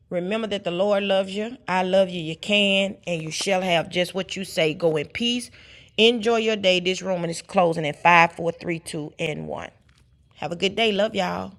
Remember that the Lord loves you. I love you. You can and you shall have just what you say. Go in peace. Enjoy your day. This room is closing at five, four, three, two, and 1. Have a good day. Love y'all.